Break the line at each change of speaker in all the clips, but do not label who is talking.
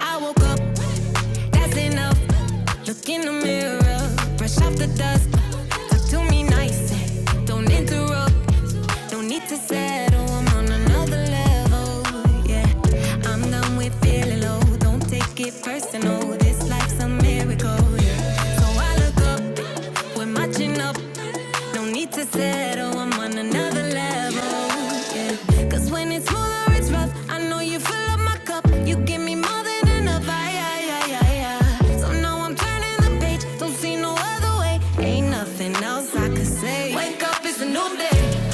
I woke up, that's enough. Look in the mirror, brush off the dust. Look to me nice. Don't interrupt, don't need to settle. I'm on another level. Yeah, I'm done with feeling low. Don't take it personal. This life's a miracle. Yeah. So I look up, we're matching up. No need to settle. I'm on another level. Yeah. Cause when it's smoother, it's rough. I know you fill up my cup. You give me more than enough. I, I, I, I, I. So now I'm turning the page. Don't see no other way. Ain't nothing else I could say. Wake up, it's a new day.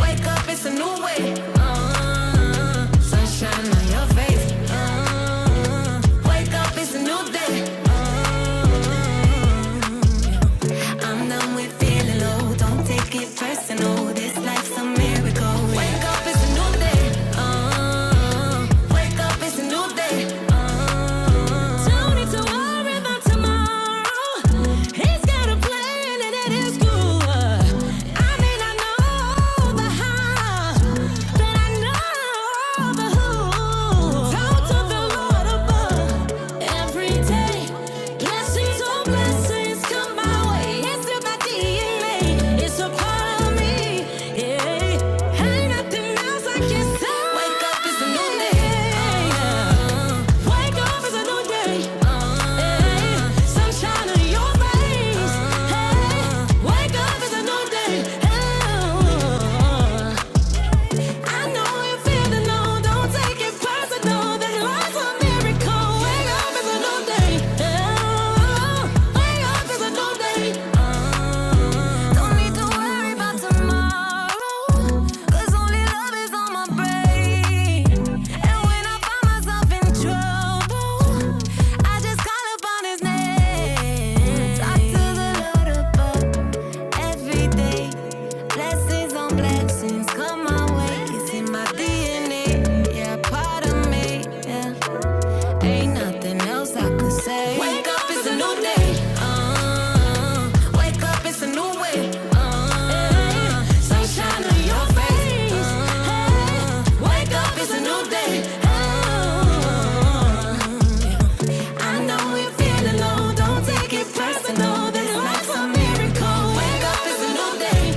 Wake up, it's a new way. Sunshine on your face. Uh, wake up, it's a new day. I'm done with feeling low. Don't take it personal. This life's a miracle. Wake up, it's a new day. Uh, wake up, it's a new day. Uh, don't need to worry about tomorrow. He's got a plan and it is good. I may not know the how, but I know the who. Talk to the Lord about Hey, wake up, it's a new day. Hey, uh-huh. I know you feel the no, don't take it personal. That life's a miracle. Wake up, it's a new day. Oh, Wake up, it's a new day. Uh, Don't need to worry about tomorrow. 'Cause only love is on my brain. And when I find myself in trouble, I just call upon his name. Talk to the Lord above. Every day, blessings on blessings come my way. It's in my DNA. Yeah, part of me. Yeah. Ain't nothing else I could say. Wake up, it's a new day. Uh, wake up, it's a new way. Uh, sunshine on your face. Uh, wake up, it's a new day. Uh, I know you feel alone. Don't take it personal. This life's a miracle. Wake up, you a new day.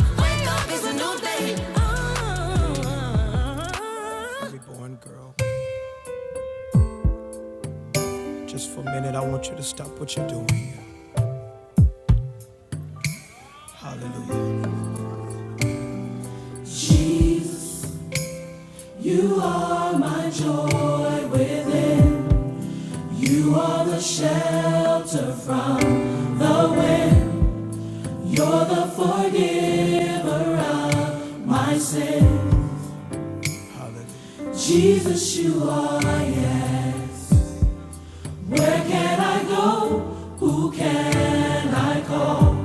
you're up, it's a new day. Oh. Reborn girl, just for a minute, I want you to stop what you're doing here. Hallelujah. Jesus, you are joy within. You are shelter from the forever of my sin. Hallelujah. Jesus, you are, yes. Where can I go? Who can I call?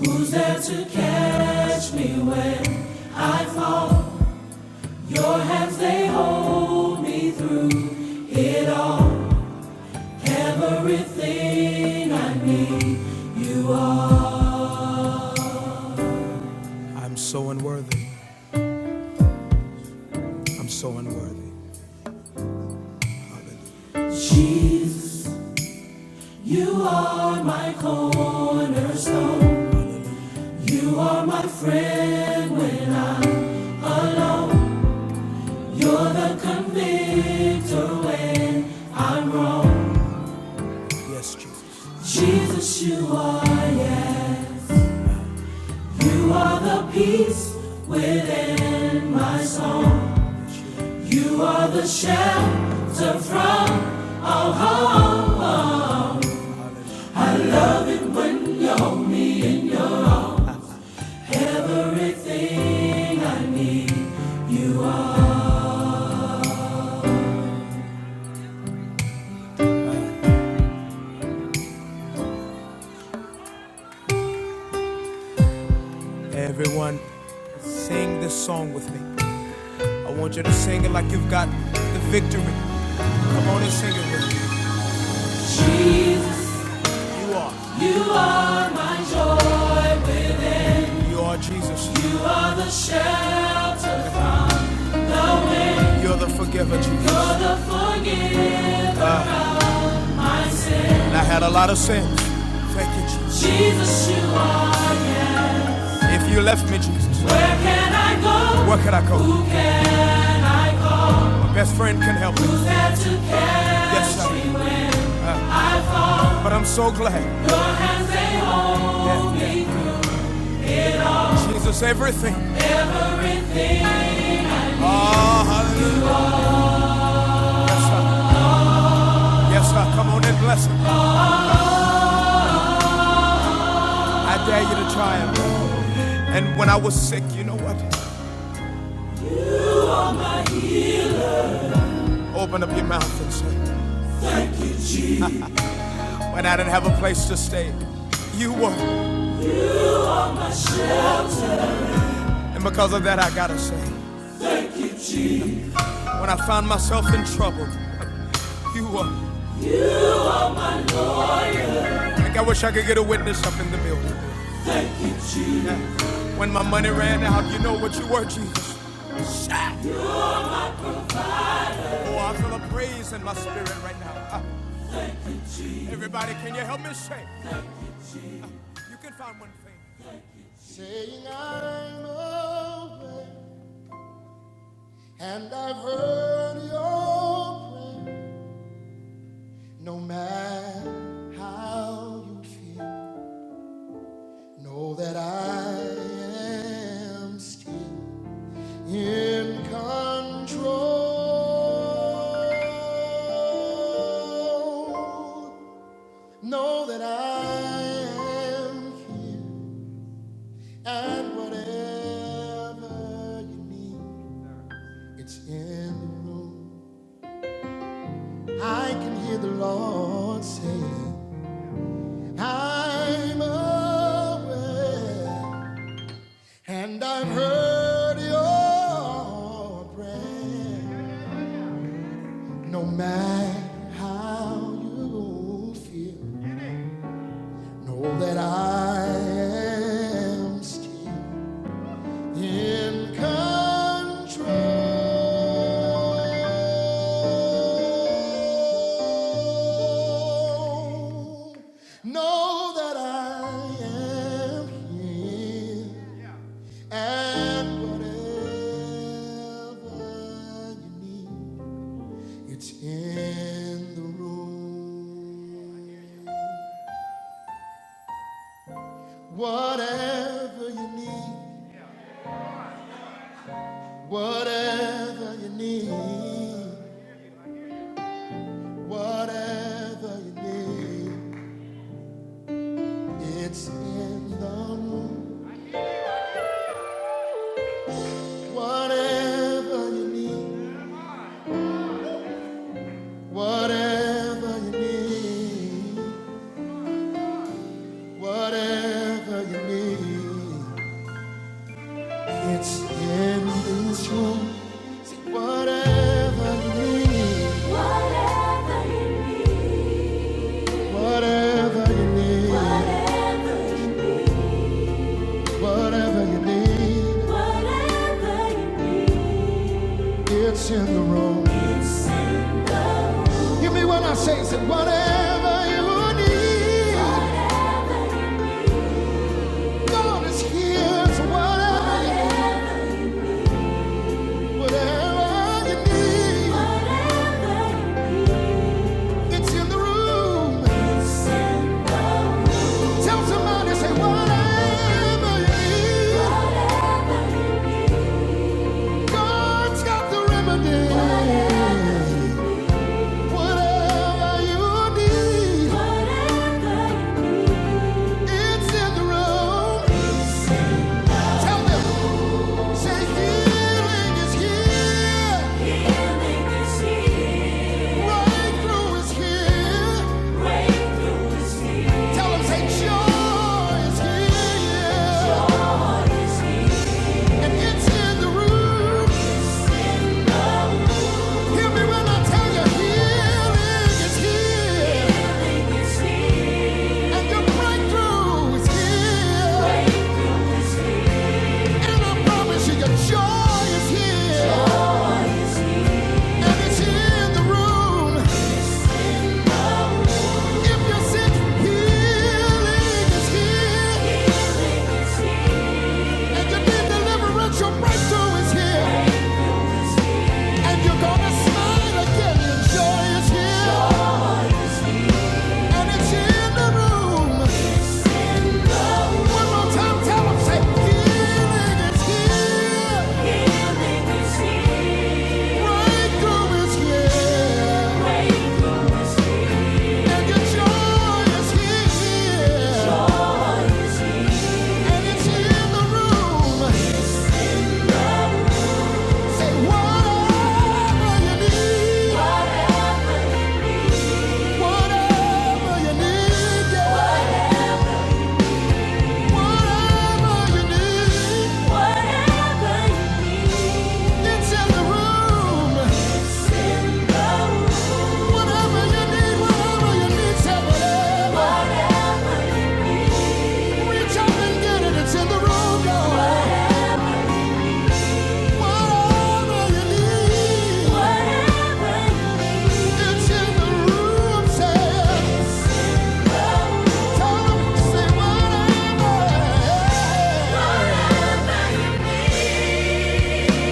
Who's there to catch me when I fall? Your hands, they hold me through it all. Everything I need, you are. I'm so unworthy. I'm so unworthy. Hallelujah. Jesus, you are my cornerstone. You are my friend when I'm. You're the convictor when I'm wrong. Yes, Jesus. Jesus, you are. Yes. You are the peace within my soul. You are the shelter from all harm. Everything I need. You are. Everyone, sing this song with me. I want you to sing it like you've got the victory. Come on and sing it with me. Jesus, You are. you are my joy within. You are Jesus. You are the shelter from the wind. You're the forgiver, Jesus. You're the forgiver of my sin. And I had a lot of sins. Thank you, Jesus. Jesus, you are yes. If you left me, Jesus, Where can I go? where could I go? Who can I call? My best friend can help me. Who's there to catch me? Yes, sir. But I'm so glad. Your Yeah. Jesus, everything. Oh, hallelujah. Yes, sir. Yes, sir. Come on and bless him. I dare you to try him. And when I was sick, you know what? Open up your mouth and say, when I didn't have a place to stay, you were. And because of that, I gotta say, when I found myself in trouble, you were. Like I wish I could get a witness up in the building. Yeah. When my money ran out, you know what you were, Jesus. Oh, I feel a praise in my spirit right now. I, Everybody, can you help me sing? You can find one thing. Saying I'm away, and I've heard your prayer. No matter how you feel, know that I am still in control. Know that I am here. And whatever you need, it's in the room. I can hear the Lord saying, I'm aware, and I've heard your prayer. No matter how you feel, know that I am still in control. Know that I am here and whatever you need, it's in the room. Whatever you need, whatever you need, whatever you need, it's in the room. Whatever you need. Whatever you need, whatever you need, it's in this room. Say, whatever you need, whatever you need, whatever you need, whatever you need, it's in the room. Hear me when I say, say whatever you need, God is here. So whatever you need. Whatever you need, it's in the room. Tell somebody, say, whatever you need, God's got the remedy. Whatever you need, it's in the room. Tell them. Joy is here, Joy and it's here in the room. If you're sick, healing is here. And you need deliverance, your breakthrough is here. And you're gonna smile again, your joy is here. And it's in the room. One more time, tell 'em, say, healing is here. Healing is here. Breakthrough is here. Breakthrough is here. And your joy is here. Joy. And it's in the room. Whatever. It's in the room, say.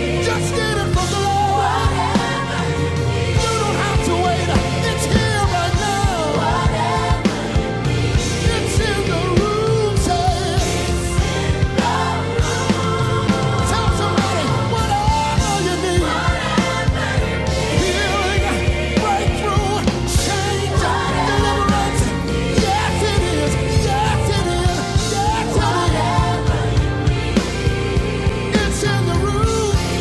Just get it from the Lord. You don't have to wait. It's here right now. It's in the room, say. Tell somebody whatever you need. Healing, breakthrough, change, deliverance. Yes, it is. Yes, it is. Yes, it is. It's in the room.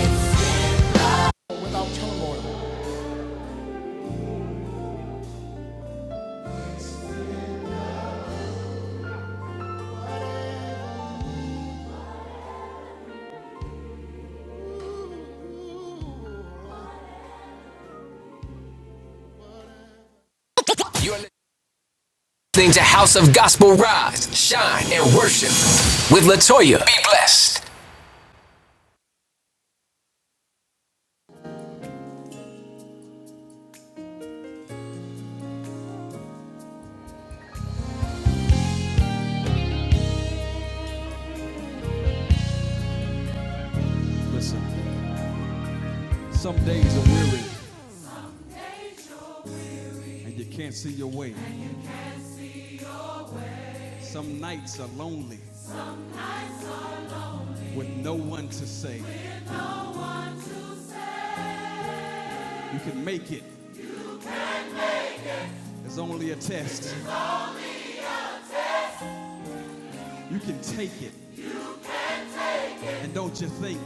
You're to House of Gospel Rise, Shine, and Worship with Latoya. Be blessed. Listen, some days are weary and you can't see your way. Some nights are lonely with no one to say You can make it. It's only a test. You can take it. And don't you think?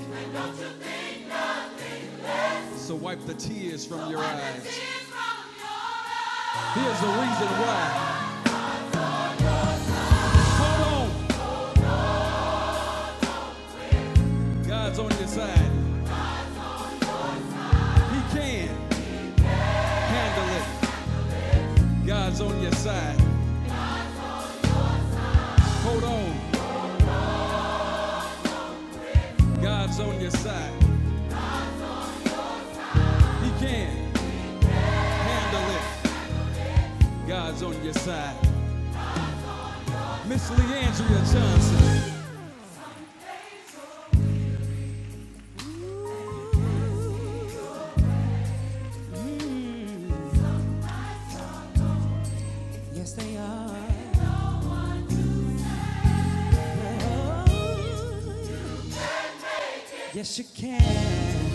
So wipe the tears from your eyes. Here's the reason why. Hold on. God's on your side. He can handle it. God's on your side. Hold on. God's on your side. He can handle it. God's on your side. Miss Leandria Johnson. Yes, they are. Oh, yes, you can.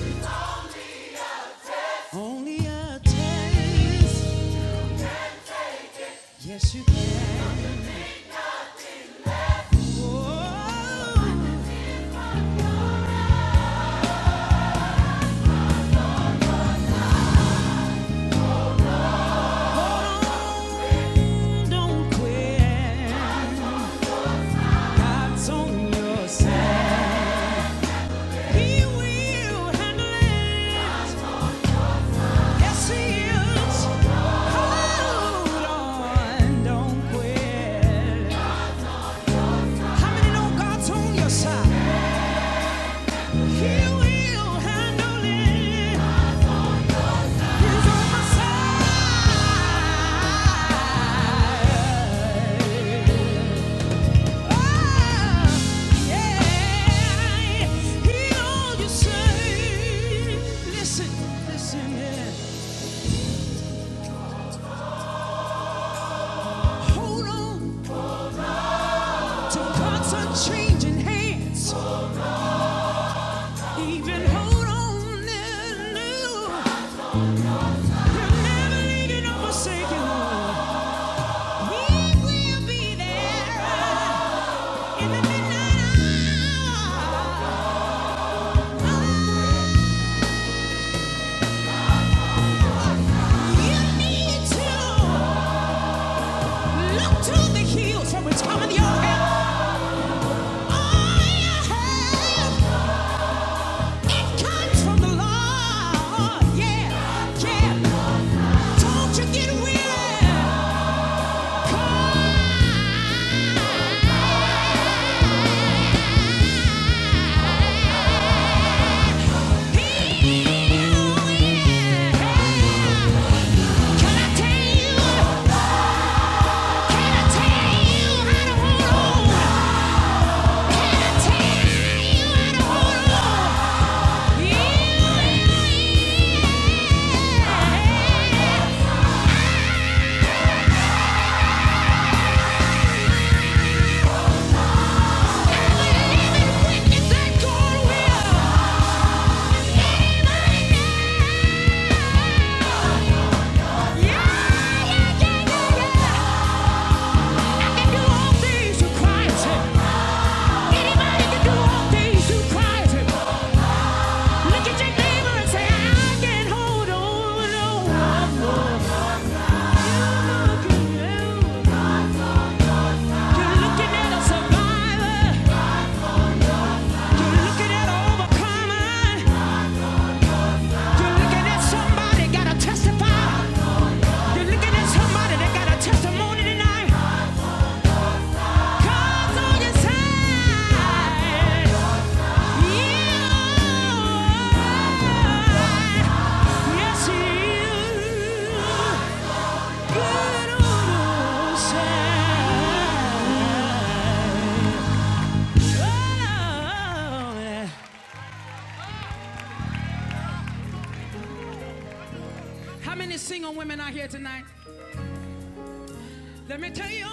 Only a taste. Yes, you can. Don't quit. It's on your side. He will handle it. Yes, he is. Hold on. Don't quit. How many know God's on your side? He will handle it. He's on my side. Even hold on and do. You're never leaving or forsaken. He will be there in the midnight hour. You need to look to the hills from which cometh your help. Yeah. No. You're looking at a survivor. You're looking at an overcomer. You're looking at somebody that got a testimony tonight. God's on your side. Yeah. Yes, he is. Good on your side. Oh, yeah. How many single women are here tonight? Let me tell you,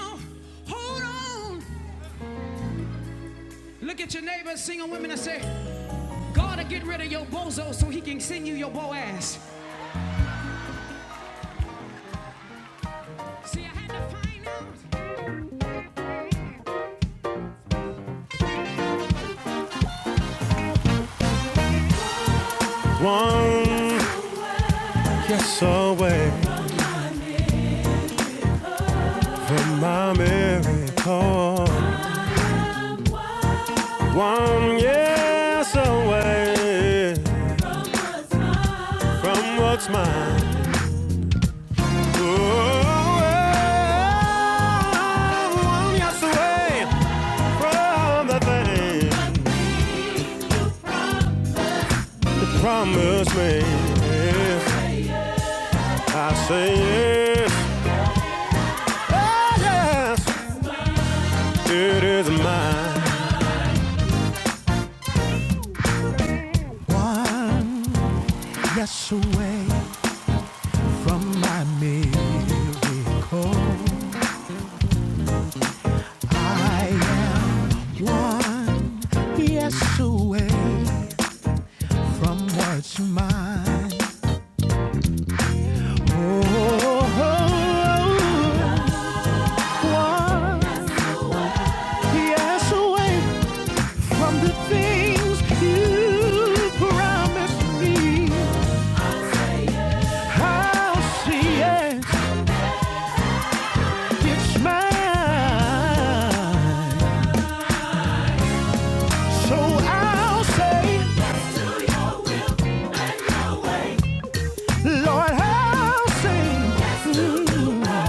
hold on. Look at your neighbor, single women, and say, God will get rid of your bozo so he can send you your bo ass. See, I had to find out. One yes away from my miracle. One yes away from what's mine. Oh, one yes away from the valley, the promise me, I say yes, oh yes, it is mine. One yes away from my miracle. I am one yes away from what's mine. Oh, oh, oh, oh. one yes away from the things you promised me. I'll see it. It's mine. So I'll say, Lord, I'll say, Mm,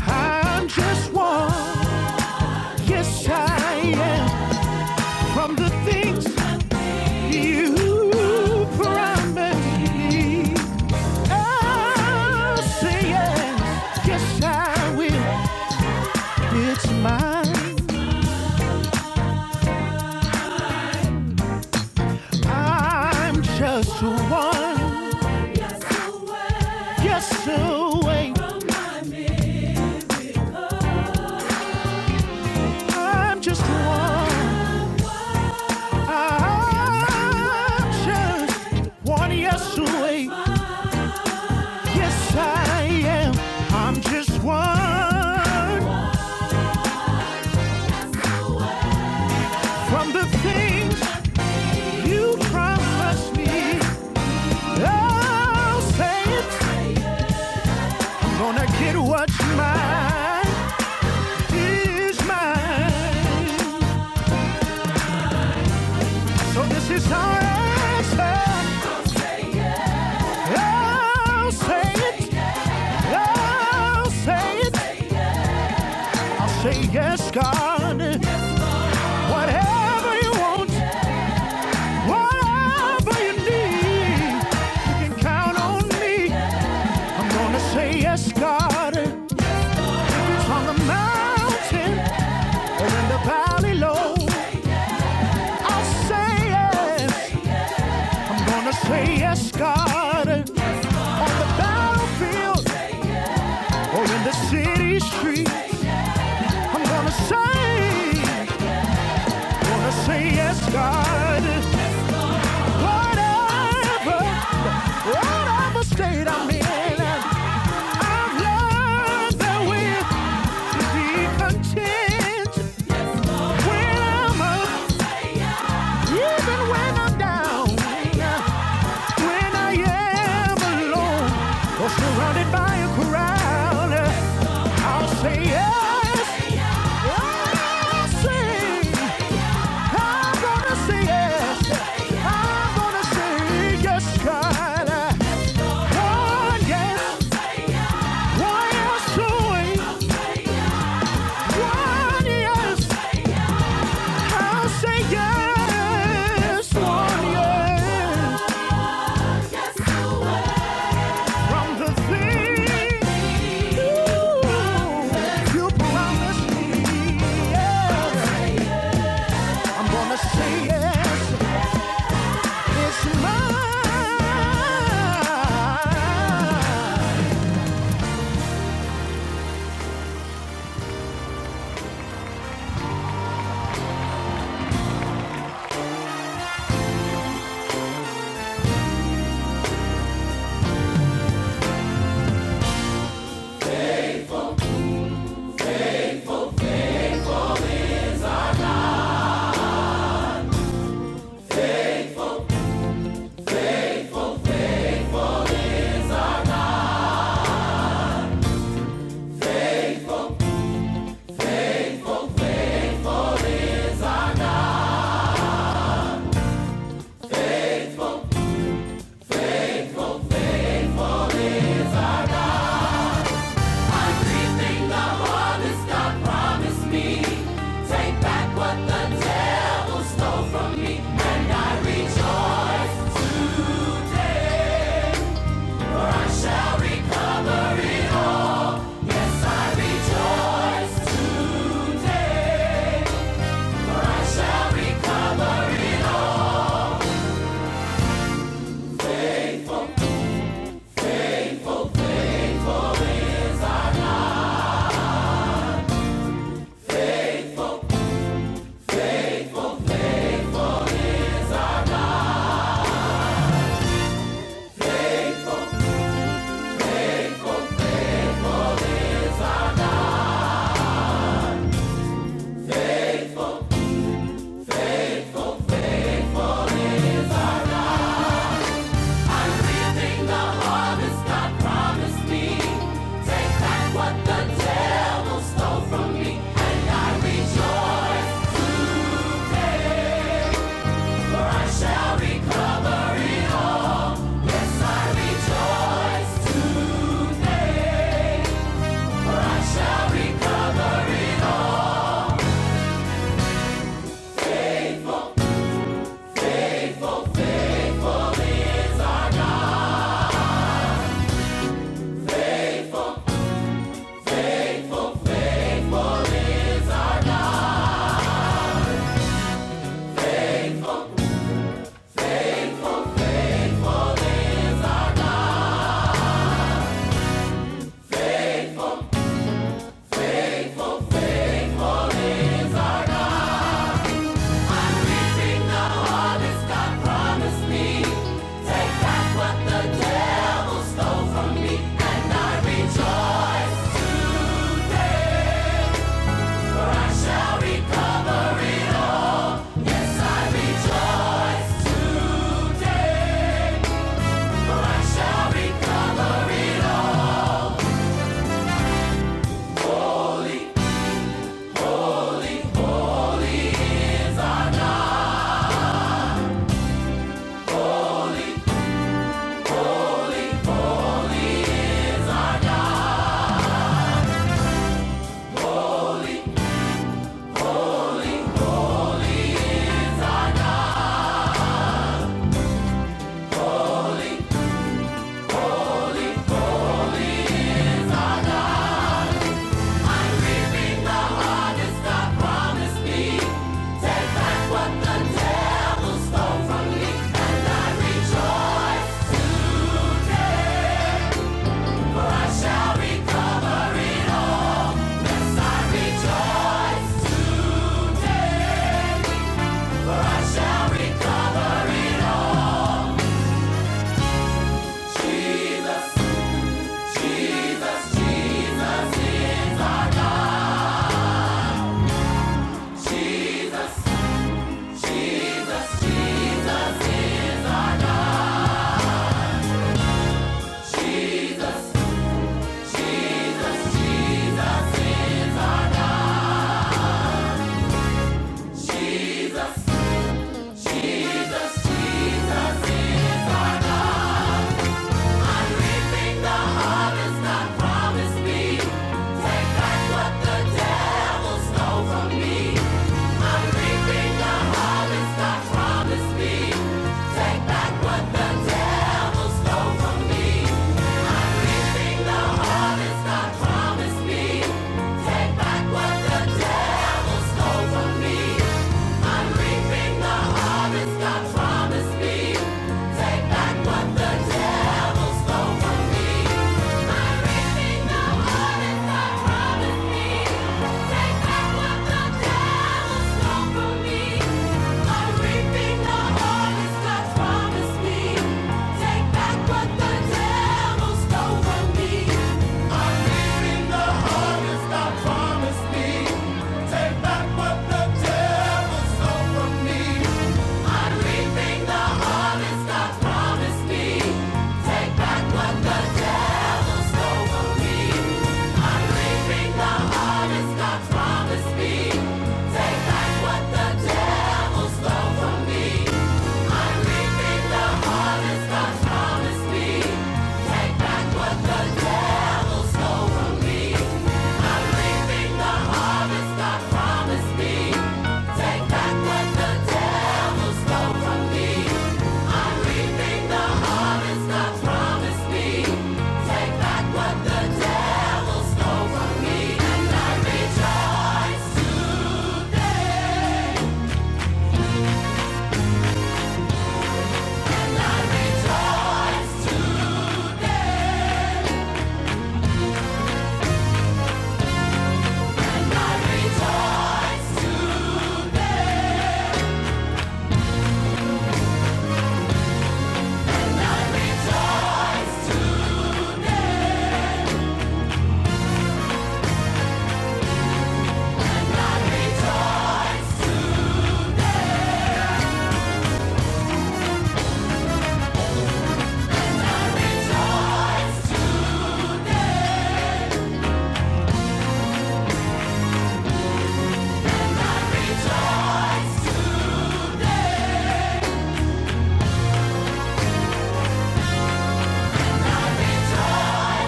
I'm just one. Yes, I am. From the things you promised me. I'll say yes. Yes, I will. It's mine. I'm just one, yes a wait. I'm just one. I'm just one, yes away. Yes, I am. I'm just one from the things you promised me. I'll say it. Gonna get what's mine is mine. So this is our answer. I'll say it. I'll say it. I'll say yes, God. Whatever you want, whatever you need, you can count on me. I'm gonna say yes, God. If it's on the mountain or in the valley low, I'll say yes. I'm gonna say yes, God on the battlefield or in the city street, I'm gonna say Wanna say yes, God. Whatever, whatever state I'm in, I've learned that we to be content when I'm up, even when I'm down, when I am alone or surrounded by a crowd. I'll say yes. I'll say. I'm gonna say yes. I'm gonna say yes, God. One yes, one yes to it. One yes, I'll say yes. One yes from the thing you, promised me. Yeah. I'm gonna say yes. It's mine. devil Stole from me, and I rejoice. today, What the devil stole from me, and I rejoice. recover it all. Jesus, Jesus is our God. Take back what the devil stole from me. I'm reaping the harvest. Promise me Take back what the devil stole from me. I'm reaping the harvest God promised me. Take back what the devil stole from me. I'm reaping the harvest God promised me. Take back what the devil stole from me. I'm reaping the harvest God promised me. Take back what the devil stole from me.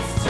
Rejoice!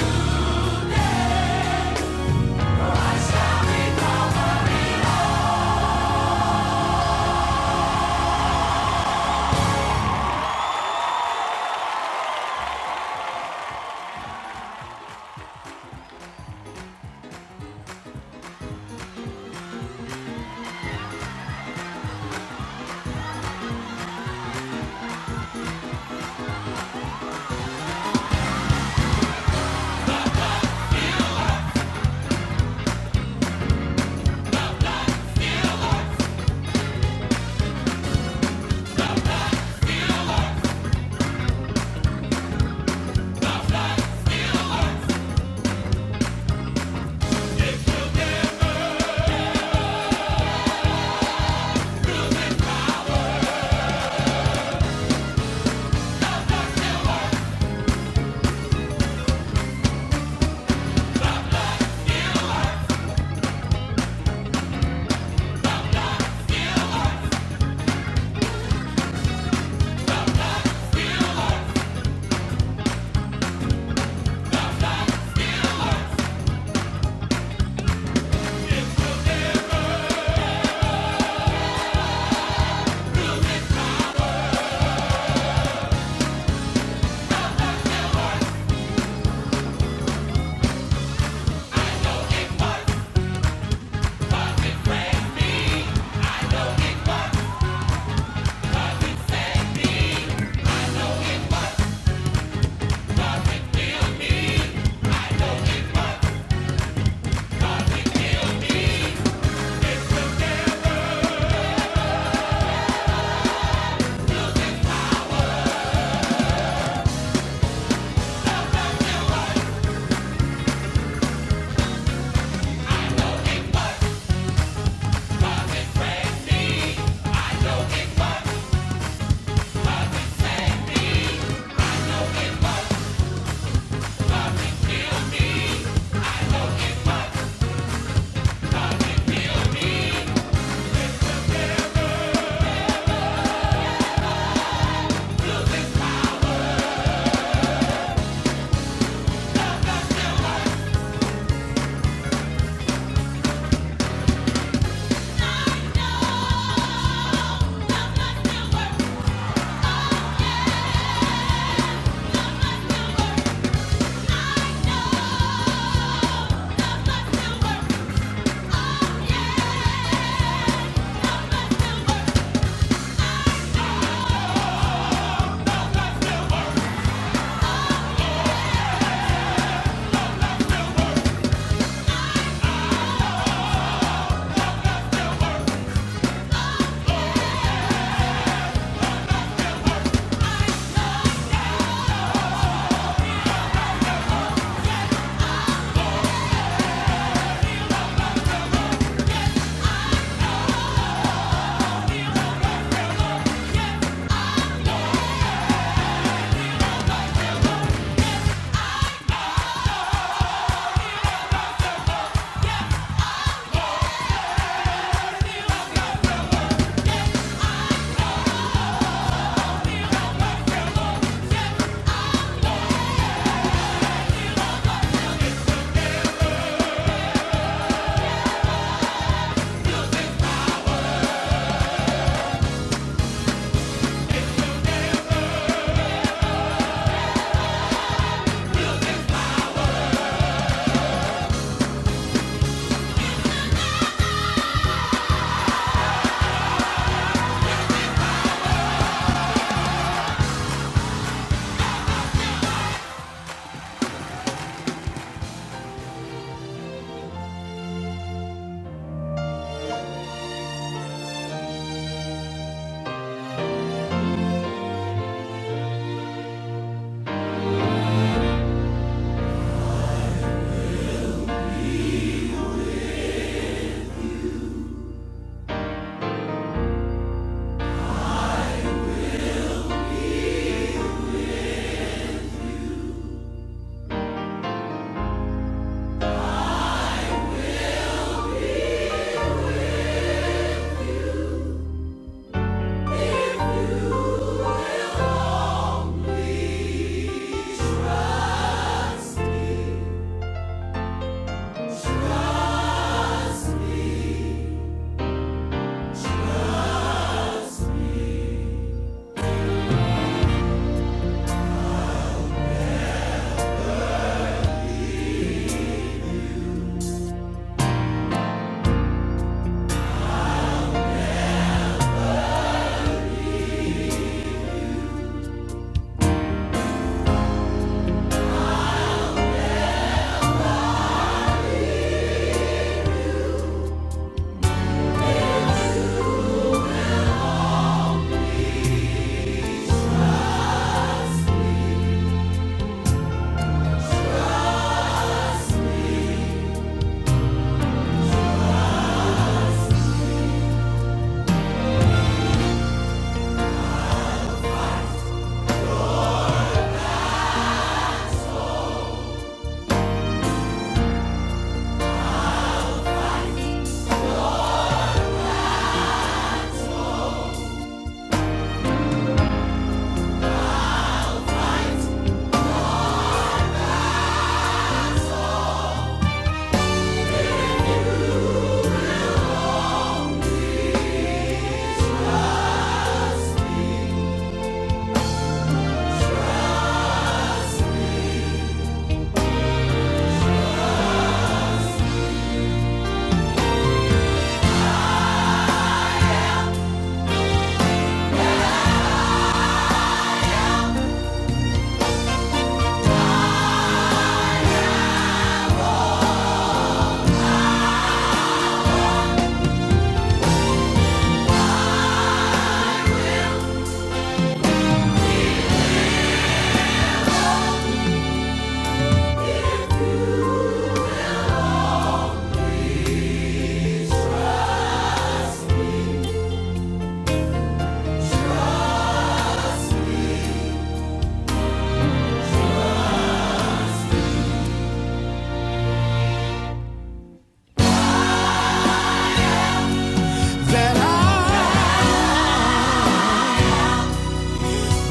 That I,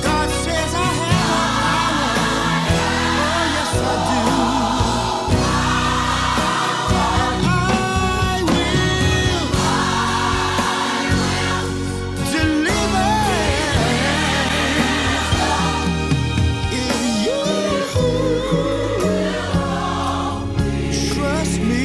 God says I have, oh yes I do. I will deliver if you trust me.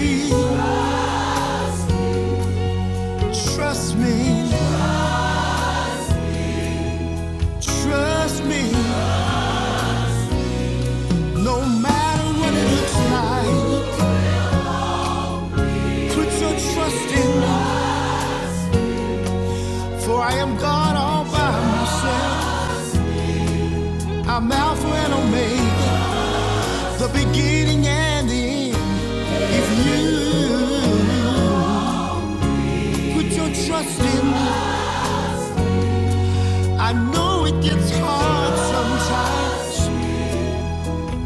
If you put your trust in, I know it gets hard sometimes,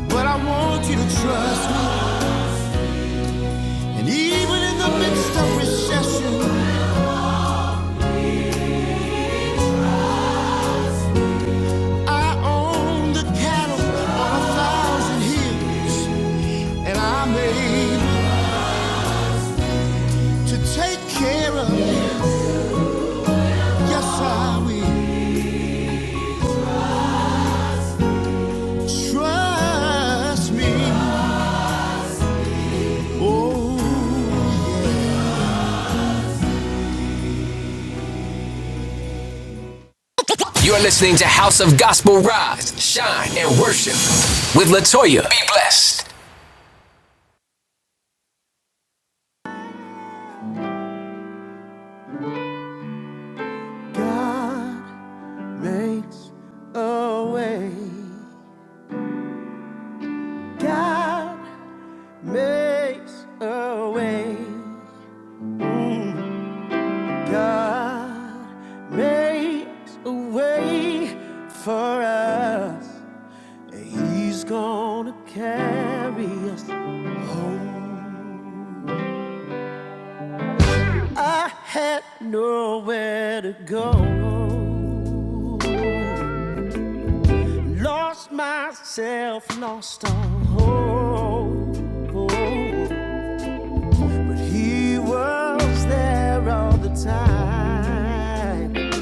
but I want you to trust me. And even in the midst of recession. Yes, Oh, yeah. You're listening to House of Gospel Rise, Shine, and Worship with Latoya. Be blessed. God makes a way. God makes a way. God makes a way for us. He's gonna carry us home. I had nowhere to go. Lost myself, lost all hope. But he was there all the time.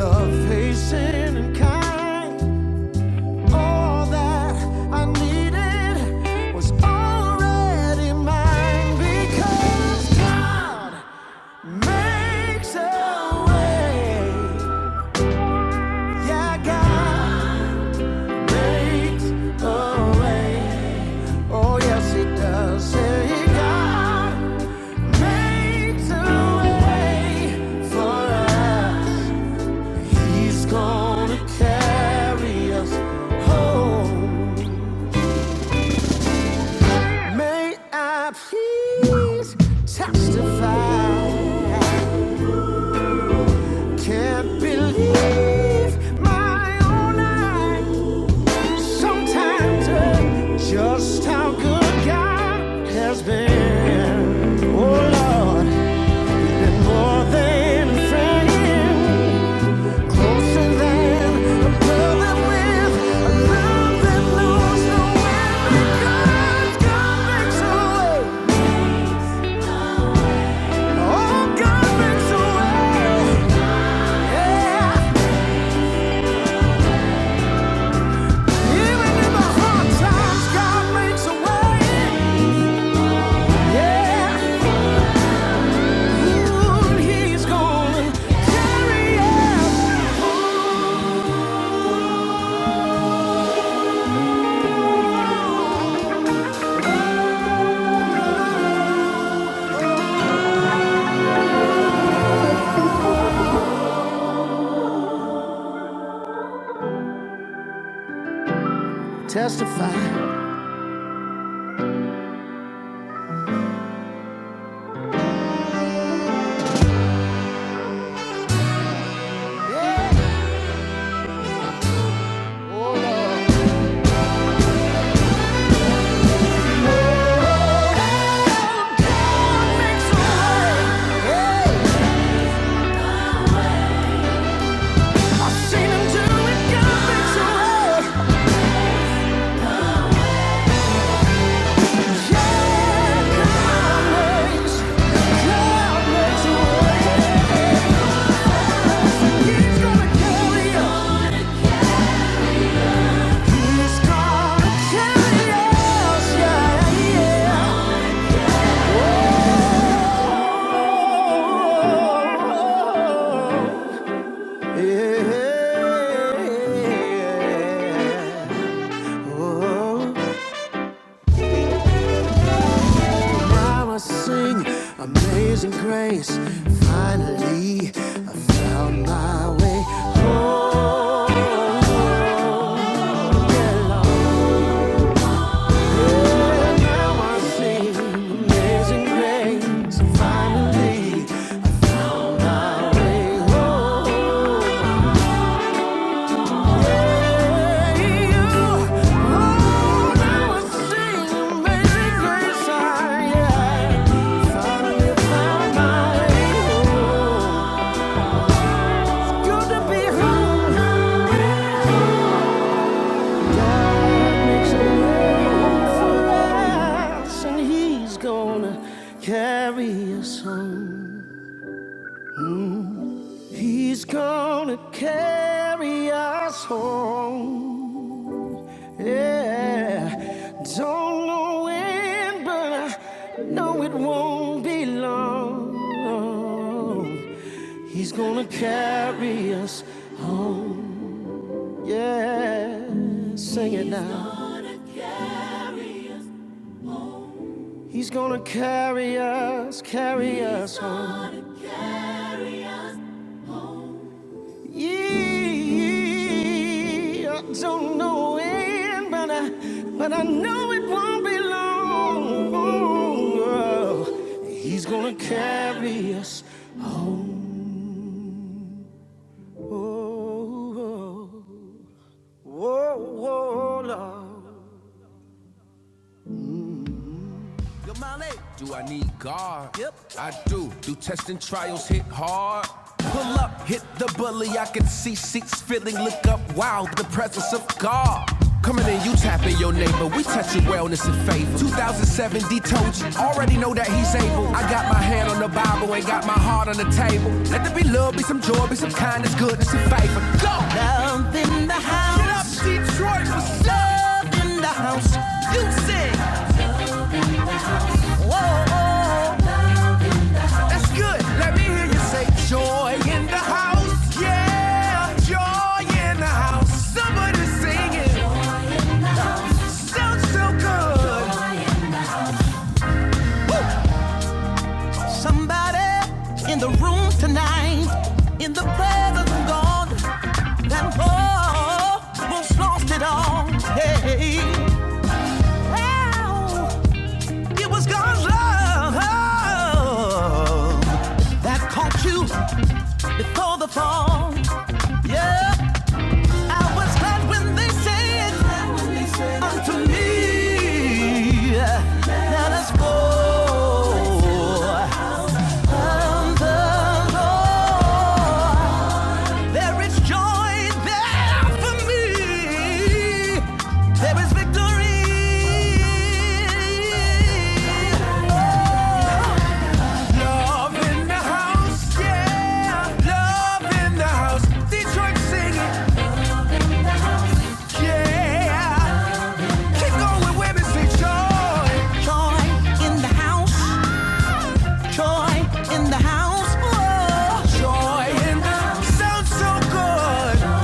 Love, patient, and kind. All that I needed was already mine because God makes a way. Yeah, God makes a way. Oh, yes, He does. Hey, God makes a way for us. He's gonna carry us home. May I please testify? Can't believe my own eyes. Sometimes uh, just how good God has been. Oh Lord, and more than a friend, closer than a brother with a love that knows no end. Because God makes a way. Oh, God makes a way. Yeah. Even in the hard times, God makes a way. Yeah. Ooh, he's gonna carry us. Ooh, God makes a way. God makes- a way. He's gonna carry us. He's gonna carry us. Yeah, yeah. Oh. Yeah. Oh, now I sing Amazing Grace. Finally, I found my way home. Yeah, Now I sing amazing grace. Finally, I found my way home. Oh, now I sing amazing grace. yeah, finally found my home. It's good to be home. God makes a way for us, and He's gonna carry us home. He's gonna carry us home. Yeah, don't know when, but I know it won't be long. He's gonna carry us home. Yeah, sing it now. He's gonna carry us, carry us home. Yeah, I don't know when, but I, but I know it won't be long. Oh, He's gonna carry us home. Oh, oh, oh, oh, Lord. Do I need God? Yep. I do. Do testing trials hit hard? Pull up, hit the bully. I can see seats filling. Look up, wow, the presence of God. Coming in, you tapping your neighbor. We touching wellness and favor. 2007 D told you. Already know that he's able. I got my hand on the Bible, ain't got my heart on the table. Let there be love, be some joy, be some kindness, goodness, and favor. Go! Love in the house. Get up, house. Detroit, what's up? Love in the house. You sing. Whoa. whoa. That's good. Let me hear you say joy in the house. Yeah, joy in the house. Somebody singing. Sounds so good. Somebody in the room tonight, in the presence of God, that oh, was lost it all. Hey, how it was God's love oh, that caught you before the fall. Yeah. I was glad when they said unto me, Let us go the Lord. There is joy there for me. There is victory. Love in the house, yeah. Love in the house. Detroit singing, yeah. Go with women, sweet joy. Sounds so good.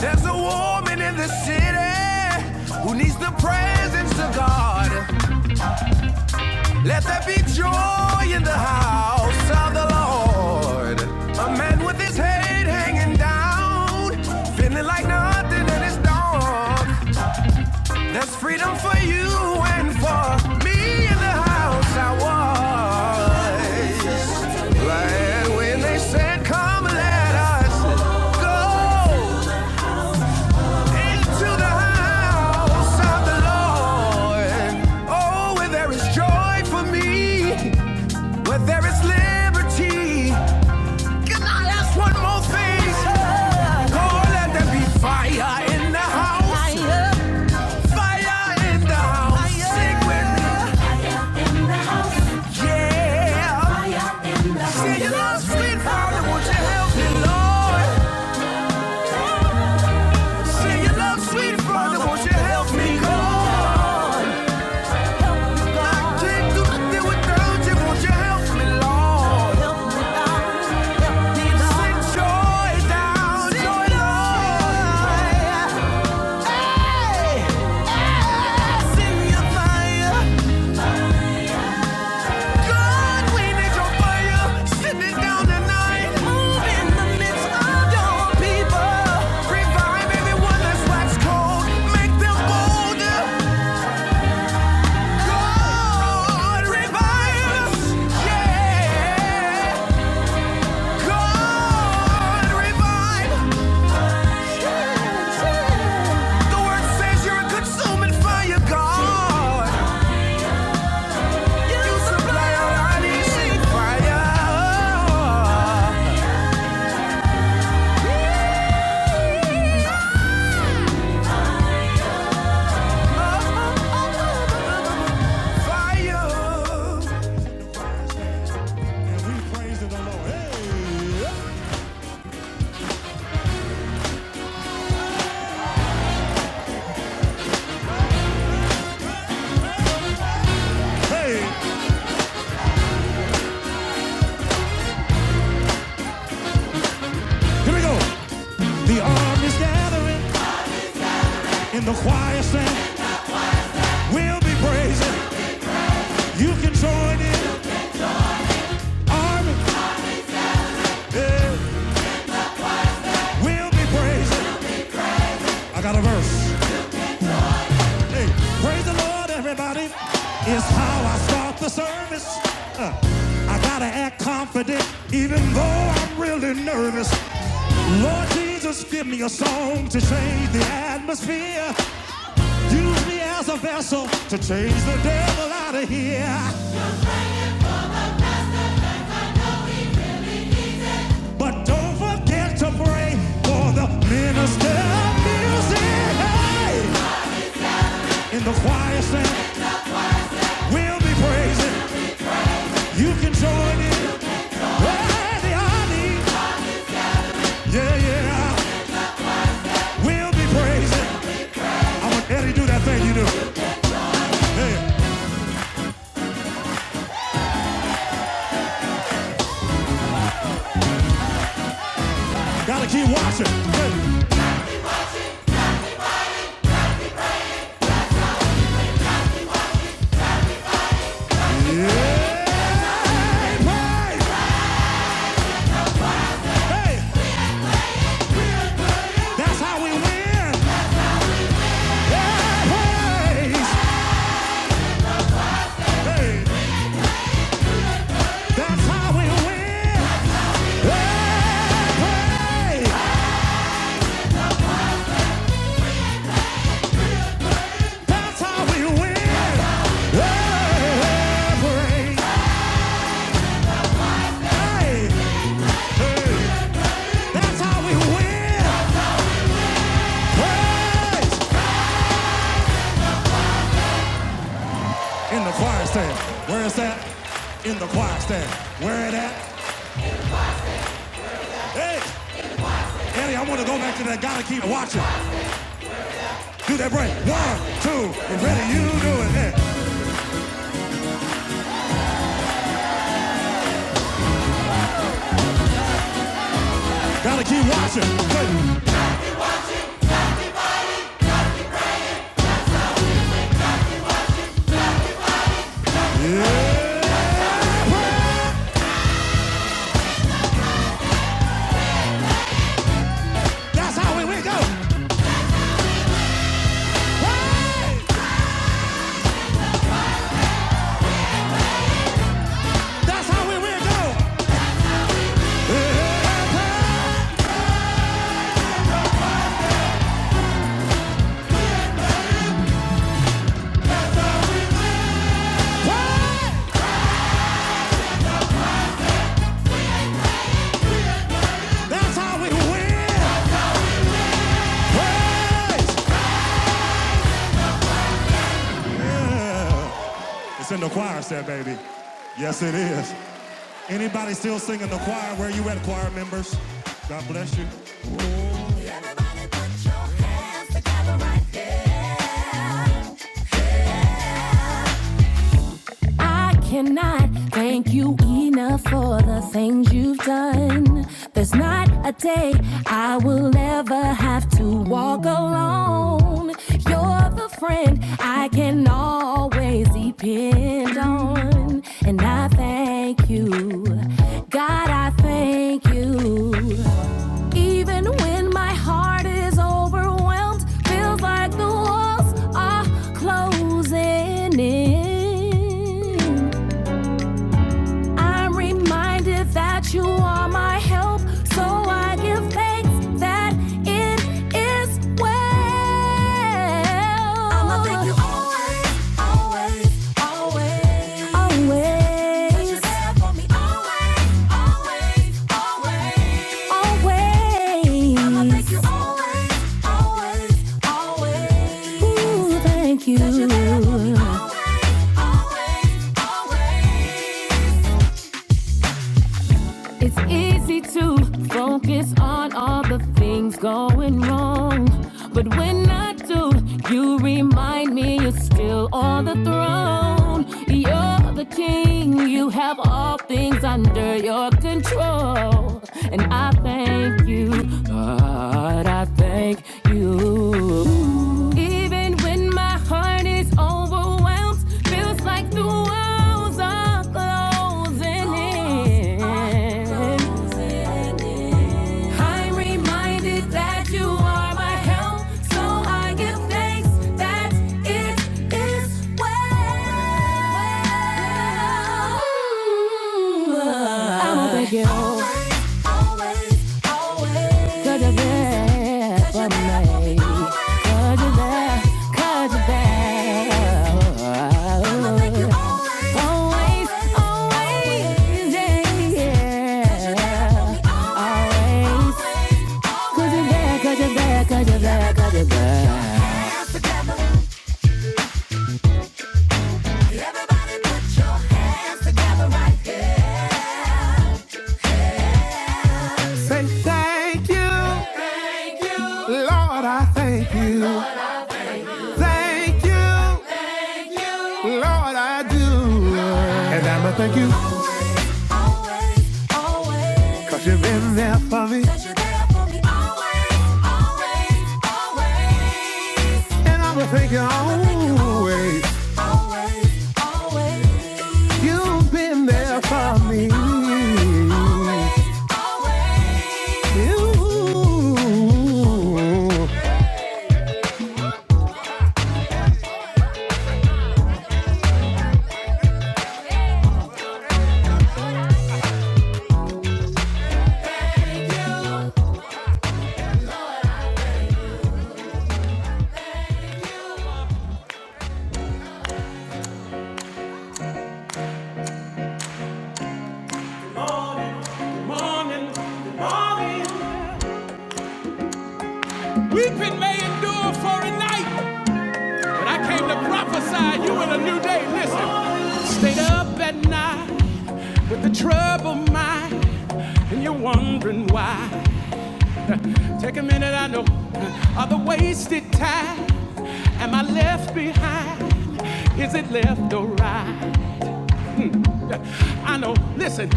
There's a woman in the city who needs the presence of God. Let there be joy in the house of the Lord. A man with his head hanging down, feeling like nothing and it's dark. There's freedom for you and for me in the house I was. Right when they said, Come, let us go into the house of the Lord. Oh, where there is joy for me, where there is liberty. Can I ask one more thing? Oh, let there be fire in the house. Fire in the house. Sing with me. Yeah. Say your love sweet Father, won't you help me, Lord? Say your love sweet Father, won't you help me, Lord? I can't do nothing without you, won't you help me, Lord? Send joy down, joy, Lord. Hey, hey. Send your fire. God, we need your fire, send it down tonight. Move in the midst of your people. Revive everyone that's wax cold, make them bolder. God, revive yeah. God, revive. The word says you're a consuming fire, God. You supply all our needs, fire. Fire. Hey, hey, here we go. The army's gathering, and the choir sang, We'll be praising. You can join in. Army, yeah, we'll be praising. I got a verse. Hey, praise the Lord, everybody. It's how I start the service. Uh, I gotta act confident, even though I'm really nervous. Lord Jesus, give me a song to change the atmosphere. Use me as a vessel to change the devil out of here. But don't forget to pray for the minister of music. Hey! In the choir stand, we'll be praising. You can join in. Worthy I need. Yeah, yeah. We'll be praising. I want Eddie to do that thing you do. Hey, gotta keep watching. Hey. Yeah. Praise. Hey, that's how we win. Yeah, praise. That's how we win. Yeah, praise. That's how we win. Yeah, praise. Hey, hey. That's how we win. Praise. in the choir stand. Where is that? In the choir stand. Where it at? Hey, Annie, I want to go back to that. Gotta keep watching. Do that break. One, two, and ready. You do it. Hey, gotta keep watching. Hey, Yeah. That's how we win. Go. Hey, that's how we win. Go. Hey, that's how we win. Hey. It's in the choir stand, baby. Yes, it is. Anybody still singing the choir? Where you at, choir members? God bless you. I cannot thank you enough for the things you've done. There's not a day I will ever have to walk alone. You're the friend I can always depend on. And I thank you. God, I thank you. Even when my heart is overwhelmed, feels like the walls are closing in. I'm reminded that you are my help, so I give thanks that it is well. I'ma thank you always, always, always, always. That you you're there for me always, always, always, always. I'ma thank you always, always, always. Ooh, thank you. 'Cause you're there for me always, always, always. It's easy to focus on all the things going wrong. But when I do, you remind me you're still on the throne. You're the king, you have all things under your control. And I thank you, God, I thank you. Even when my my heart is overwhelmed. Feels like the walls are closing in. I'm reminded that you are my help, so I give thanks that it is well. I'm over you always, always. Cause you're there for me. Cause you're there, cause you're there. Always, always, yeah, yeah. Always. Cause you're there, cause you're there, cause you're there, cause you're there. Say thank you, Lord, I thank you. Thank you, Lord, I do. And I'ma thank you, Always, always. cause you've been there for me. Cause you're there for me always, always, always. And I'ma thank you always. Always, always. You've been there for me always, always. You. I came to prophesy you in a new day. Stayed up and why? Take a minute, I know, of the wasted time. Am I left behind? Is it left or right? I know, listen.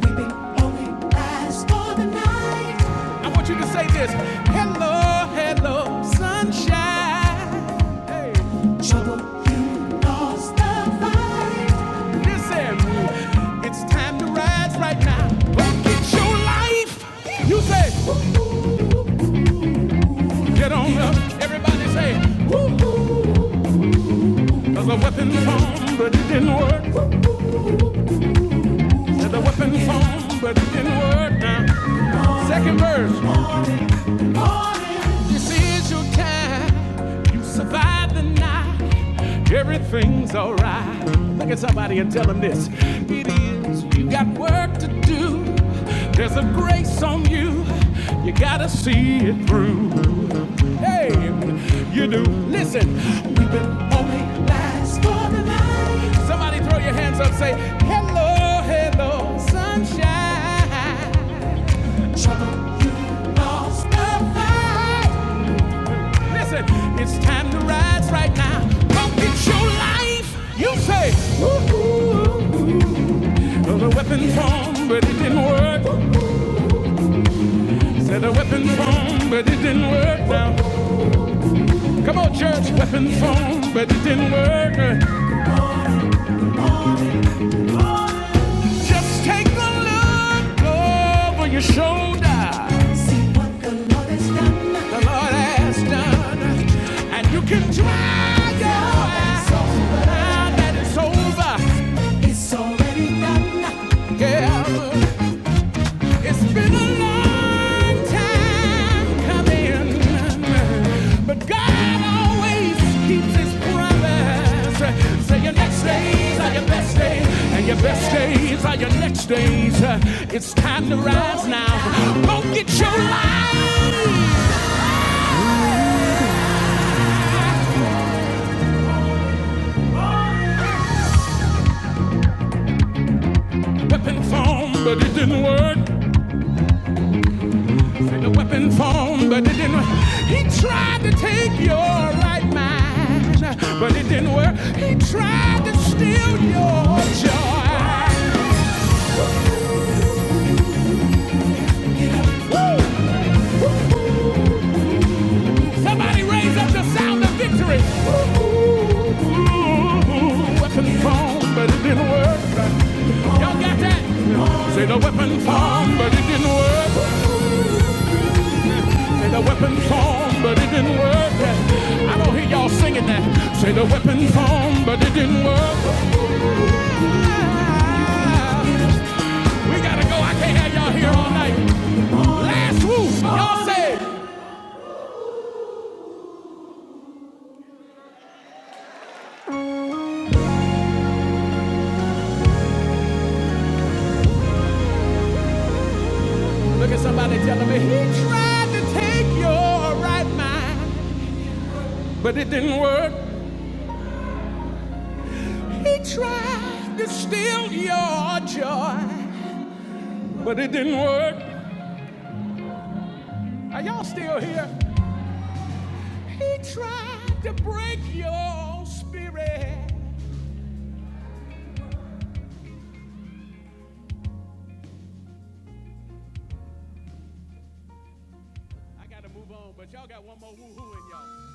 Weeping only lasts for the night. I want you to say this Hello, hello, sunshine. Hey. Trouble, you lost the fight. Listen, it's time to ride now. Rocket your life. You say, Everybody say, woo-hoo. The weapon formed, but weapon formed, but it didn't work. Second verse. Morning, this is your time. I deny everything's alright. Look at somebody and tell them this. It is. You got work to do. There's a grace on you. You gotta see it through. Hey, you do. Listen, we've been only last for the night. Somebody throw your hands up, say, hello, hello, sunshine. Trouble, you lost the fight. Listen, it's time to rise right now. Come get your life. You say, woo-hoo. Well, The weapon formed, but it didn't work. The weapon formed, but it didn't work now. Come on, church, weapon formed, but it didn't work. Just take a look over your shoulder. The Lord has done, and you can try. your eyes now that it's over. It's already done. Yeah. It's been a long time coming, but God always keeps His promise. Say your next days are your best days, and your best days are your next days. It's time to rise now. Go get your life weapon formed, but it didn't work. The weapon formed, but it didn't work. He tried to take your right mind, but it didn't work. He tried to steal your joy. Somebody raise up the sound of victory. Ooh, weapon formed, but it didn't work. Y'all got that? Say the weapon formed, but it didn't work. Say the weapon formed, but it didn't work. I don't hear y'all singing that. Say the weapon formed, but it didn't work. Hey. Y'all said my he tried to steal your joy, but it didn't work. Are y'all still here? He tried to break your spirit. I gotta move on, but y'all got one more woo-hoo in y'all.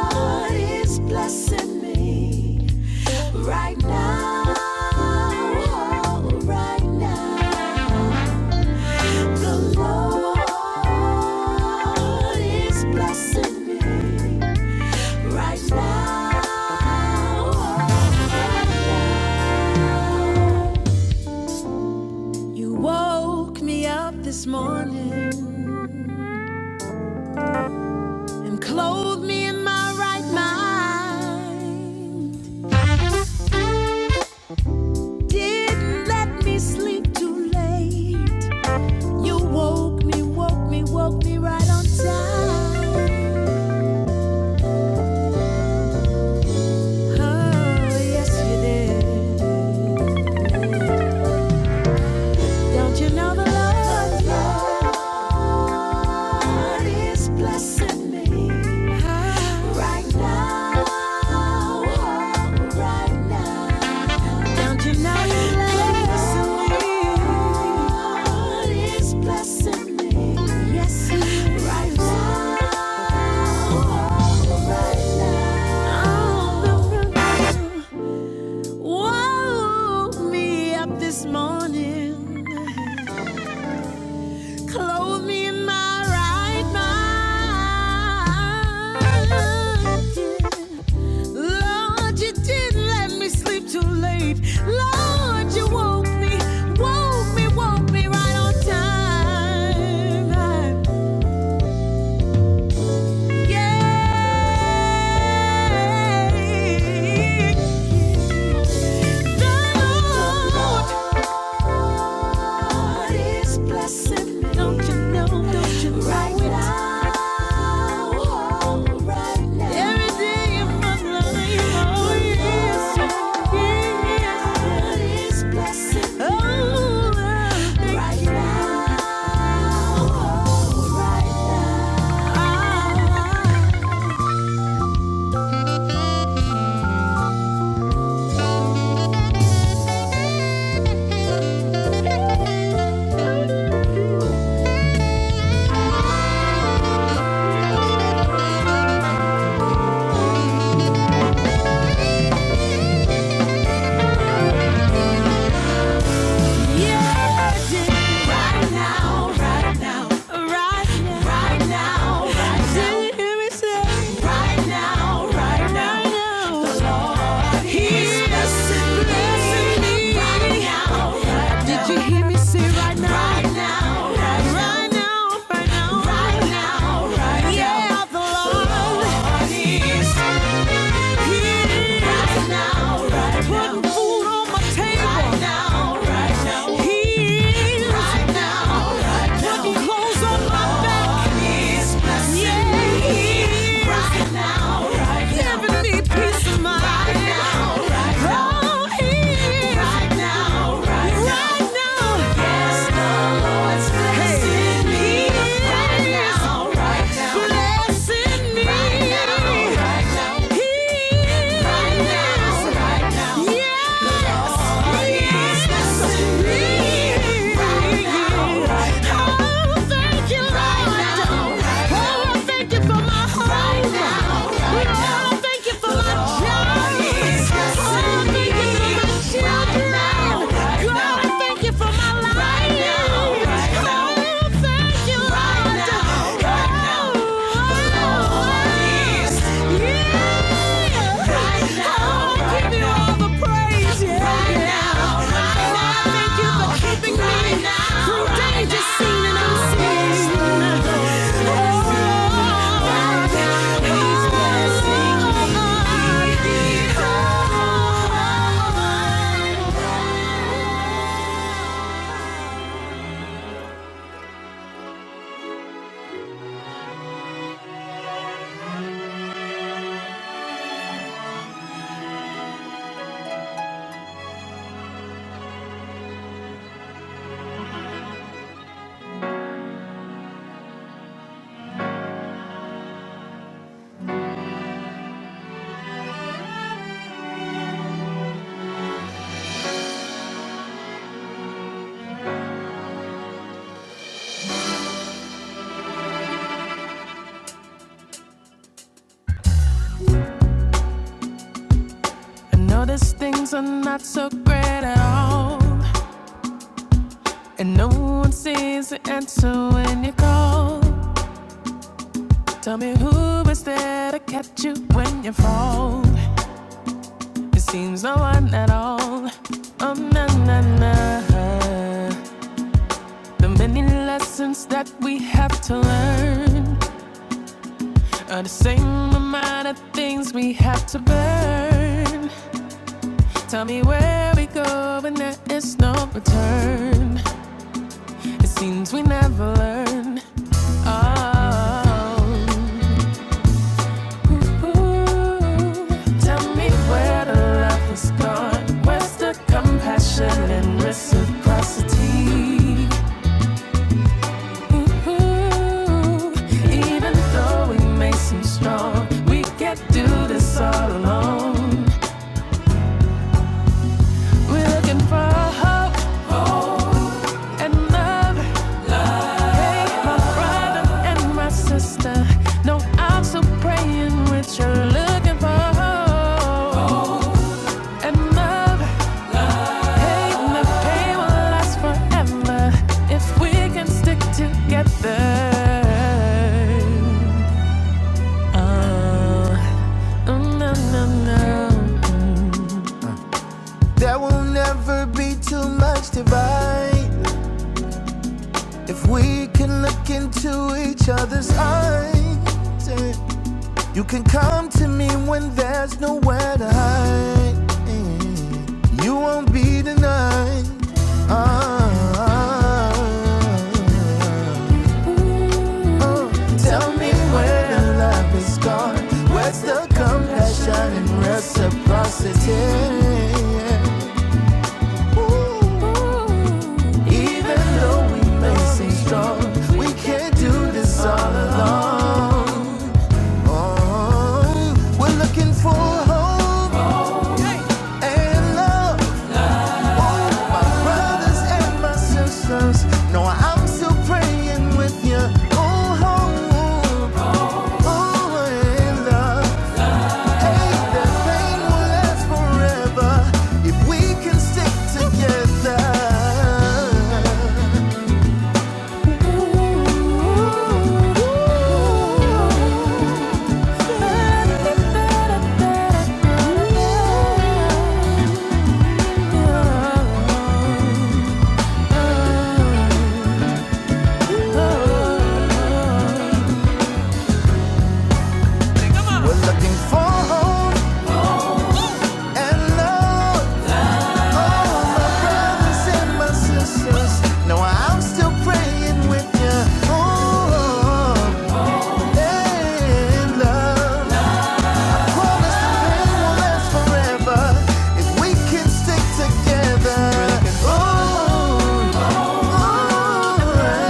God is blessing me right now, right now. The Lord is blessing me right now. You woke me up this morning and clothed me in my right mind. Didn't let me sleep too late. You woke me, woke me, woke me right on time. See this. Don't you know the Lord is blessing me right now, oh, right Don't you know The Lord is blessing me, yes, right oh, right now. Oh, the Lord woke me up This morning Clothe me in my right mind. Lord, you didn't let me sleep too late. Lord, you woke me, woke me, woke me right on time. Hey, Lord, God is blessed. Don't you know? Don't you know right it? Every day of oh yes, oh yes. Oh, Right now, right now. Ah. Right now, right now. He's blessing me. Right Did you hear me say right now? Right now. Right now. Right now. Right now. Right Yeah, the Lord. He's right Right Putting food on my table. Right Right right Right Putting clothes on my back. His blessing right now, right now. Giving me peace of mind. Right now, right now. Oh, he is. Right now, right now. Right now. Yes, the Lord's blessing me right now, right now. Blessing me. Right now, right now. He is. Right now, right now. Yes. The Lord is the yeah! I know these things are not so great at all. And no one sees the answer when you call. Tell me who was there to catch you when you fall? It seems no one at all. Oh na na na. The many lessons that we have to learn are the same amount of things we have to burn. Tell me where we go when there is no return. It seems we never learn. Oh. Tell me where the love was gone. Where's the compassion and reciprocity? Even though we may seem strong, we can't do this all alone. We're looking for hope, and love, sister. No, I'm still praying with you. Looking for love. They will last forever if we can stick together. Uh, mm, no, no, no. never be too much divide if we can look into each other's eyes. eh. You can come to me when there's nowhere to hide. You won't be denied. Ah. Oh, Tell me where the love is gone. Where's the compassion and reciprocity? Even though we may seem strong, we can't do this all alone. Oh, we're looking for hope and love. Oh, my brothers and my sisters, no, I'm still praying with you. Oh, hope, oh, oh, and love. Hey, that pain will last forever if we can stick together. We're looking for hope. And Lord, all my brothers and my sisters, know I'm still praying with you. Oh, and love, promise the pain will last forever if we can stick together. Oh, oh.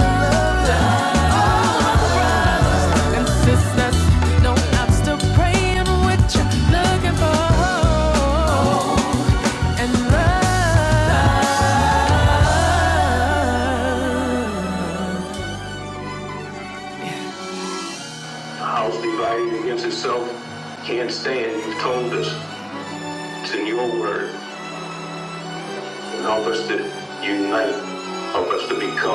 House divided against itself can't stand. You've told us it's in your word and help us to unite, us to become.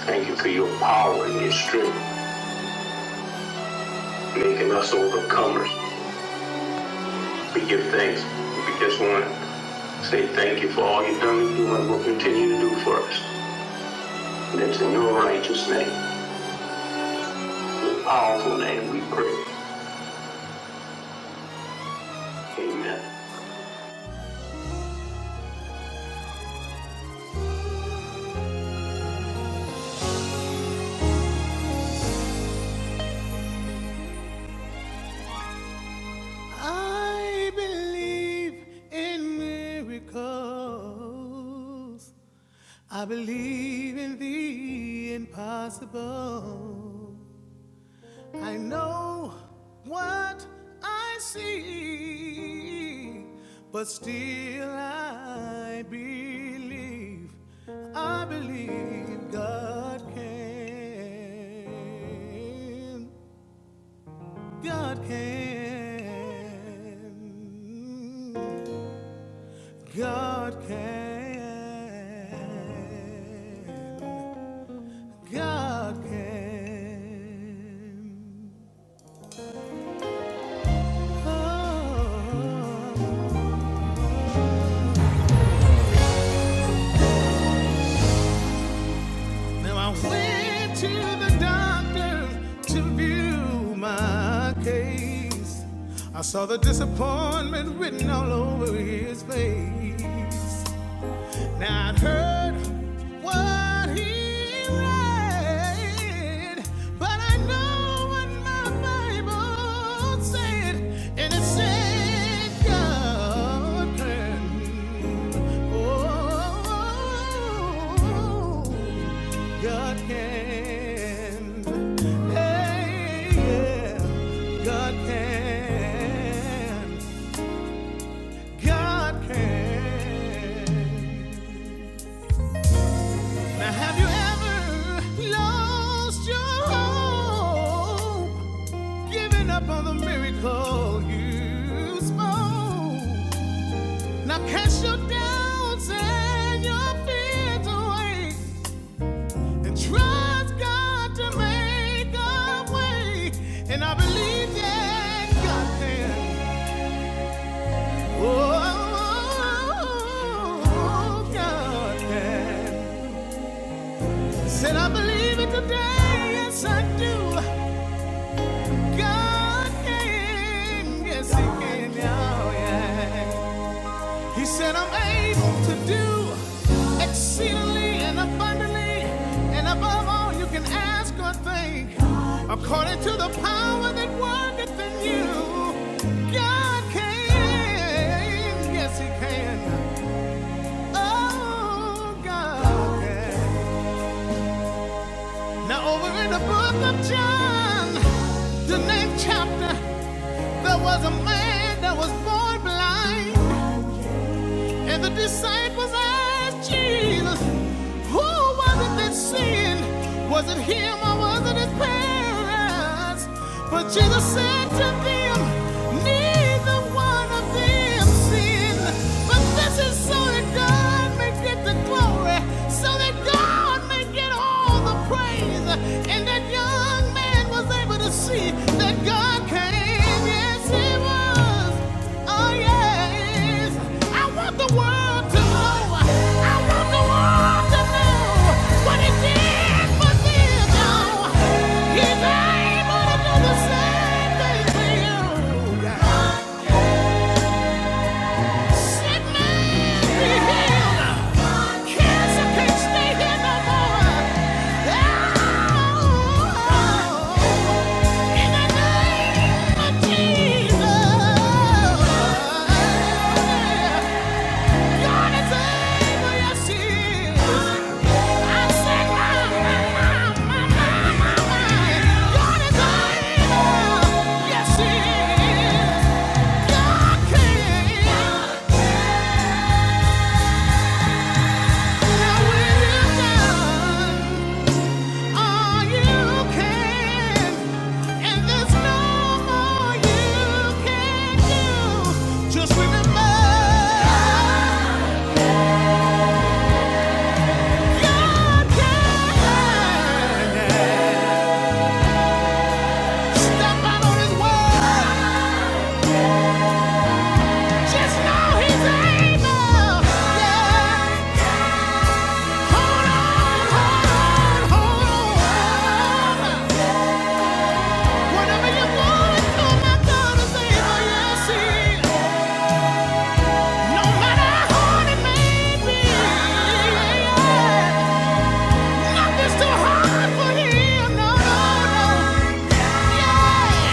Thank you for your power and your strength. making us overcomers. We give thanks. We just want to say thank you for all you've done and do and will continue to do for us. And it's in your righteous name, your powerful name. We I believe in miracles. I believe in the impossible. I know what I see, but still I believe, I believe God can. God can. God can. God can. Oh, Now I went to the doctor to view my case. I saw the disappointment written all over his face. Now I'd heard what he read, but I know what my Bible said, and it said God can. Oh, God can. Hey, yeah, God can. God can. Now, have you ever lost your hope? Giving up on the miracle you spoke? Now, cast your doubts and your fears away and trust God to make a way. And I believe that God can. Oh, God can. Said I believe it today, yes I do. God can, yes, He can, yeah, yeah. He said, I'm able to do exceedingly and abundantly and above all you can ask or think, according to the power that worketh in you. God can, yes, He can. Oh, God can. Now, over in the book of John, the ninth chapter. There was a man that was born blind, and the disciples asked Jesus, Who was it that sinned? Was it him or was it his parents? But Jesus said to them, Neither one of them sinned, but this is so that God may get the glory, so that God may get all the praise. And that young man was able to see that God can, yes. Yes, he was. Oh, yes. I want the world to know. I want the world to know what he did for them. Now, he's able to do the same thing for you. Yes, he is. Just remember, God can. Step out on His word. Just know he's able. Yeah. Hold on, hold on, hold on. Whatever you're going through, my God is able. Yes, he is. No matter how hard it may be. Yeah. Nothing's too hard for him. No, no, no. Yeah,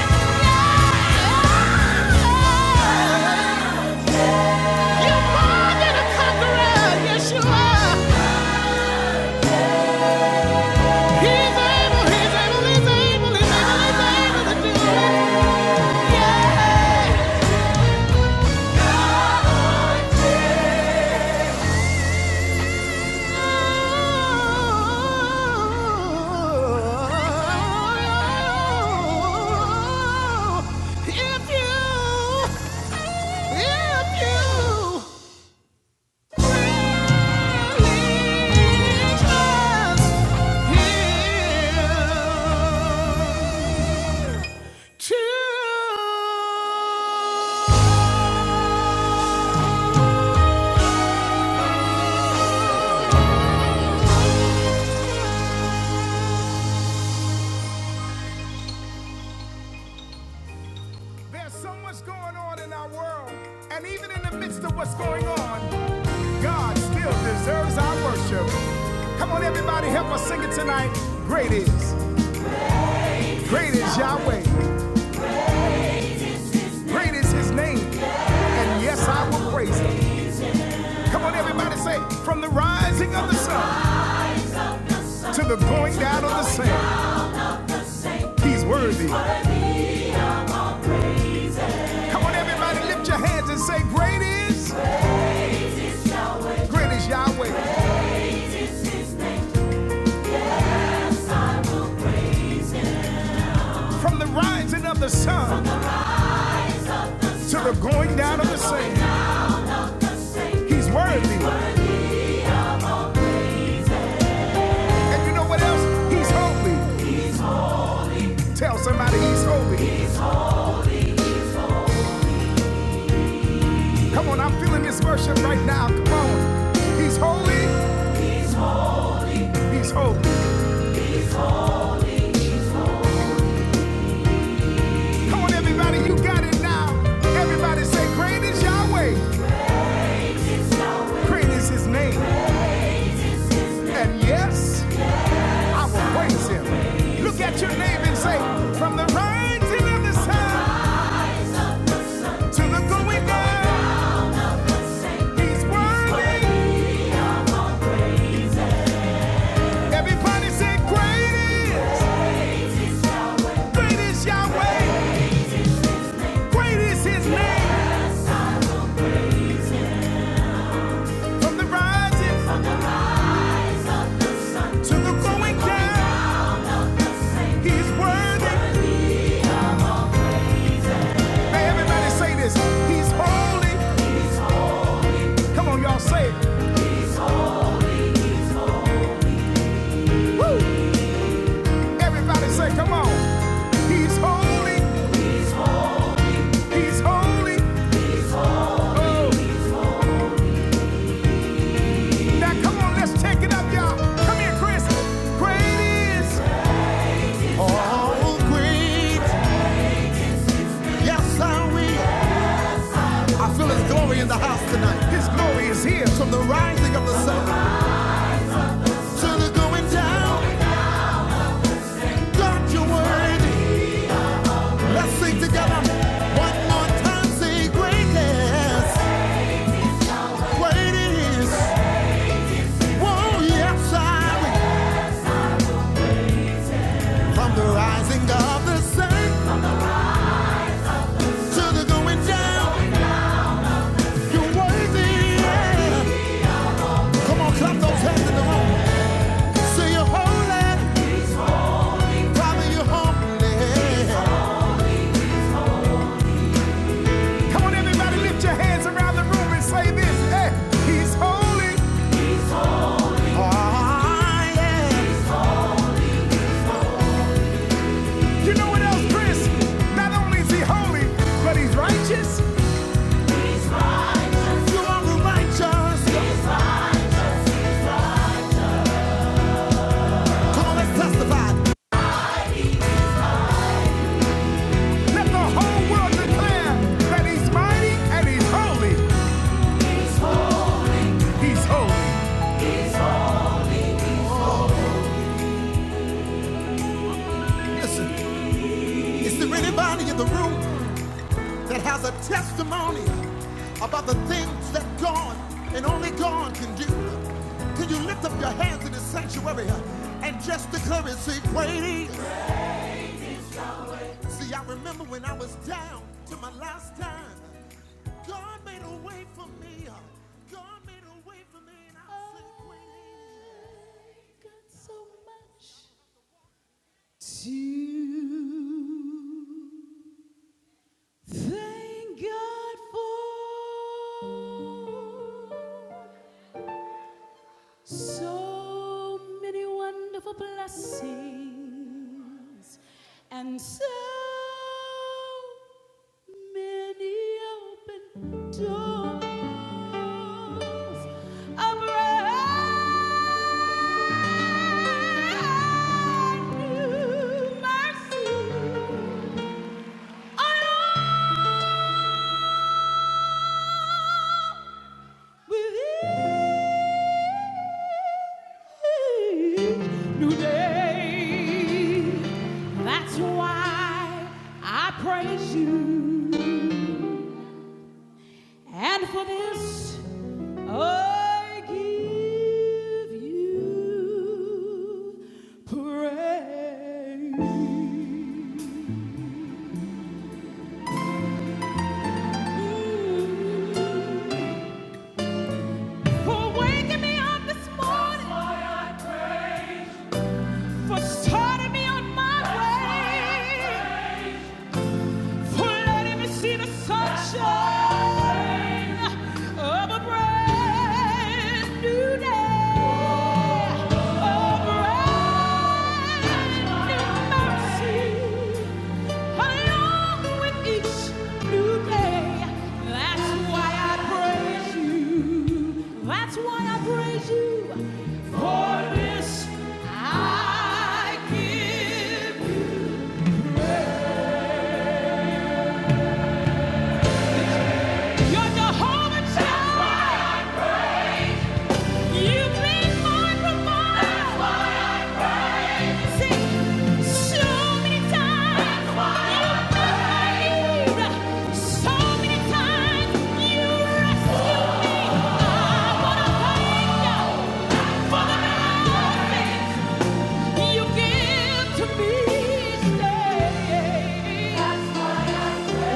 yeah, yeah. You're more than a conqueror, yes you are. He's able, he's able, he's able, he's able, he's able to do it. Yeah. If you, if you. There's so much going on in our world, and even in the midst of what's going on, God still deserves our worship. Come on, everybody, help us sing it tonight. Great is, great is Yahweh, great is His name, and yes, I will praise Him. Come on, everybody, say, from the rising of the sun to the going down of the same, He's worthy, want everybody lift your hands and say, Great is, great is Yahweh. From the rising of the sun to the going down of the same, He's worthy. And you know what else? He's holy. Tell somebody He's holy. Come on, I'm feeling this worship right now. Come on. He's holy. He's holy. Come on, everybody, you got it now. Everybody say, Great is Yahweh. Great is His name. And yes, I will praise Him. Look at your name and say, From the rising of the sun. To the going down, he's worthy. Everybody say great is, Yahweh, great his name. From the rising to the going down, he's worthy. Hey, everybody say this, he's holy. Come on, y'all say it. Woo! Everybody say, come on. He's holy, he's holy. Oh, now come on, let's take it up, y'all. Come here, Chris. Great Oh, great, yes, I will. I feel His glory in the house tonight. His glory is here from the rising of the sun to the going down. God, you're worthy. Let's sing together. One more time, say greatness. Great is. Whoa, yes, I will. From the rising of the sun to the going down, you're worthy. Yeah. Come on, clap those hands in the room. Say you're holy, Father, you're holy. Come on, everybody, lift your hands around the room and say this. Hey, he's holy. Ah, yeah! You know what else, Chris? Not only is he holy, but he's righteous. righteous. Come on, let's testify. Let the whole world declare that he's mighty and he's holy. He's holy. Listen, is there anybody in the room that has a testimony about the things that God and only God can do. Can you lift up your hands in the sanctuary and just declare and say, Great. See, I remember when I was down to my last time, God made a way for me. God made a way for me, and I said, Great. got so much to thank God for. So many wonderful blessings and so many open doors of brand new mercy along with each new day. That's why I praise you. And for this, I give you praise. For waking me up this morning. That's why I praise. For starting me on my way. Let me see the sunshine of a brand new day. A brand new mercy along with each new day. That's why I praise you. That's why I praise you. For this I give You're Jehovah Jireh. You've been my provider. See, so many times you made, so many times you rescued me. I wanna thank you for the mercy you give to me each day.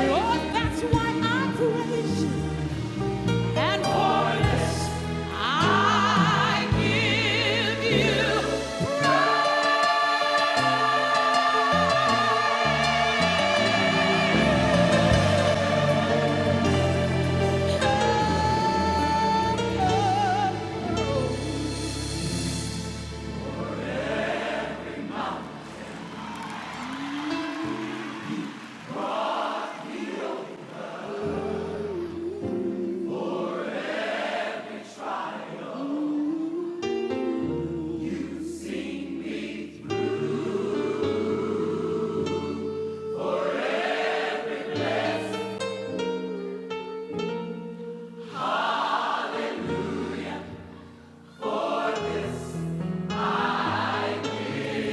Oh, that's why I praise you. And for this, I give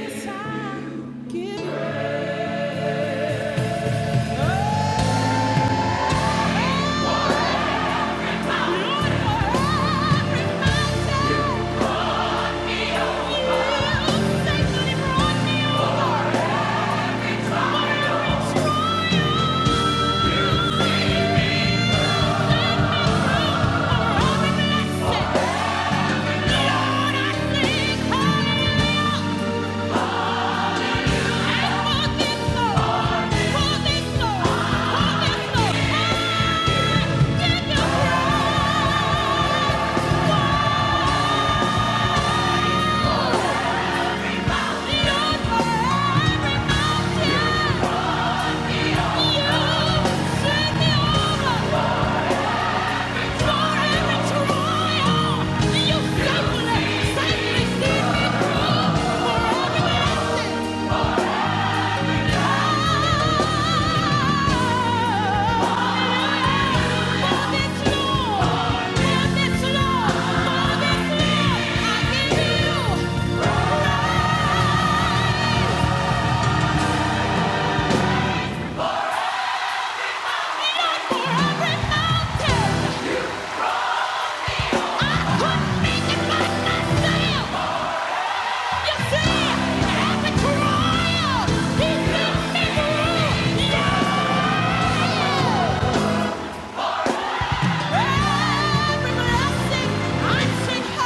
you time. Give you.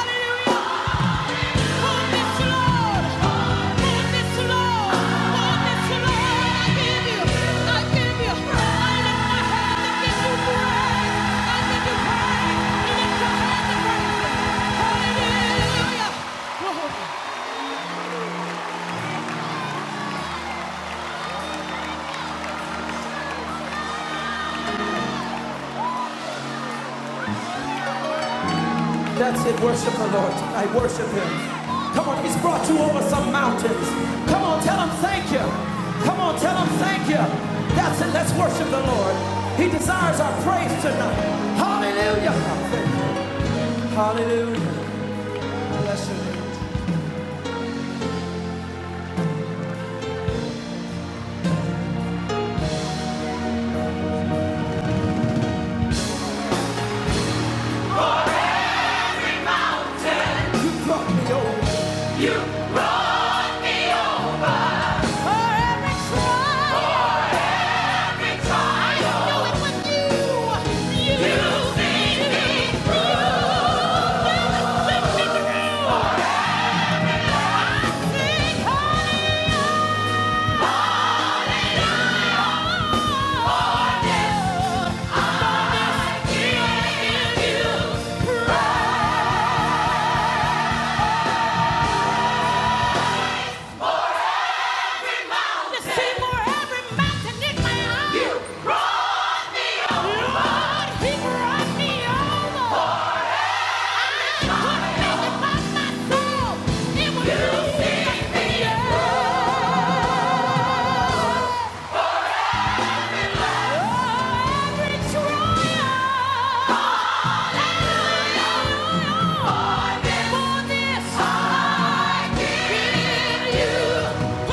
Hallelujah! That's it, worship the Lord. I worship Him. Come on, He's brought you over some mountains. Come on, tell Him thank you. Come on, tell Him thank you. That's it, let's worship the Lord. He desires our praise tonight. Hallelujah. Hallelujah. Bless you. Yeah.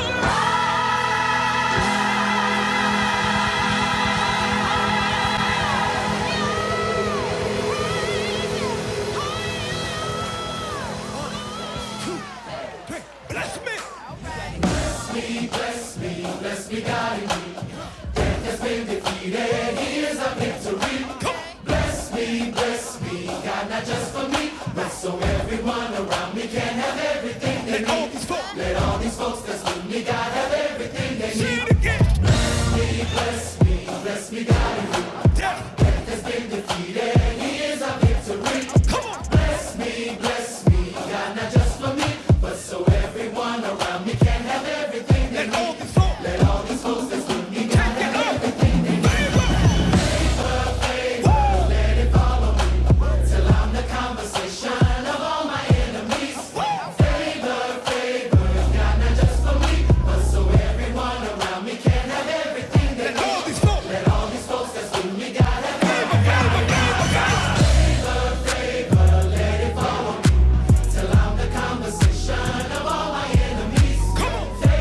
and hold this phone. See again. Yeah. Come on. And hold this phone. Take it up. Give up. Woo. Woo. And hold this phone. Give up. Give up. Give up. Come on.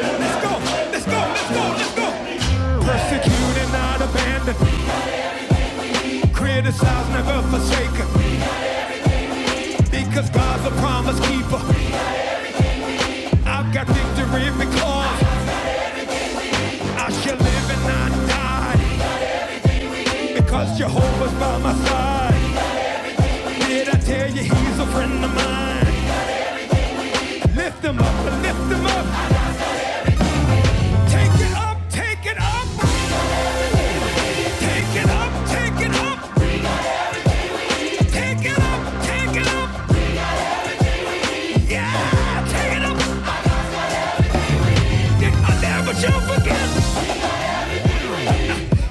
Let's go. Let's go. Let's go. Let's go. Persecute not abandon. Criticize, never forsaken. Because God's a promise keeper. I've got victory because I shall live and not die. Because Jehovah's by my side. Did I tell you he's a friend of mine? Lift him up, lift him up. Take it up, take it up. Take it up, take it up. Take it up, take it up. Yeah, take it up. I never shall forget.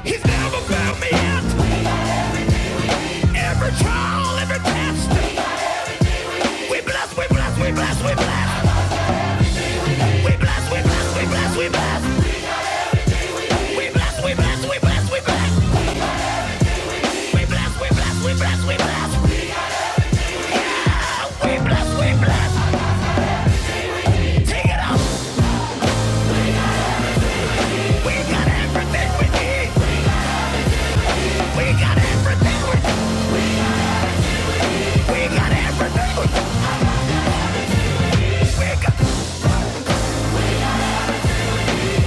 He's never failed me. Every trial, every test. We bless, we bless, we bless, we bless. Bless, we bless, we bless, we bless. We got it, we got it.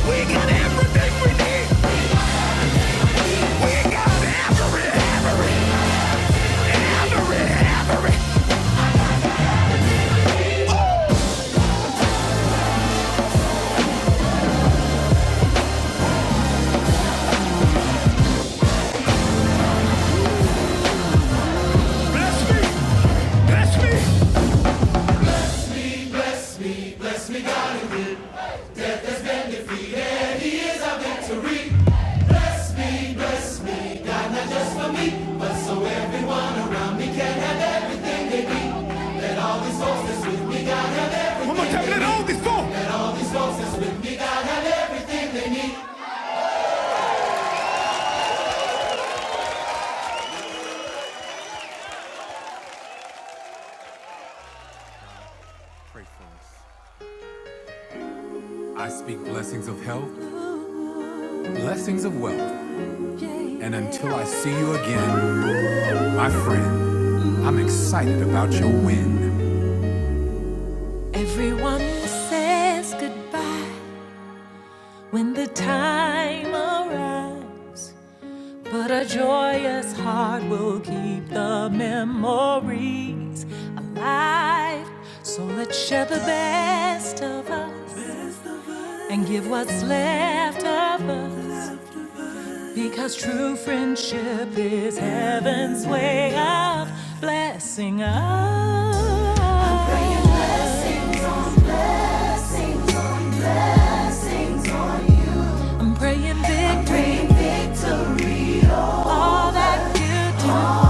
We got everything we need. We got everything. Bless me. Bless me. One more time. Let all these fall. I speak blessings of health, blessings of wealth, and until I see you again, my friend, I'm excited about your win. Everyone says goodbye when the time arrives, but a joyous heart will keep the memories alive. So let's share the best of us and give what's left of us. Because true friendship is heaven's way of blessing us. I'm praying blessings. I'm praying victory. I'm praying victory. All that you do. All-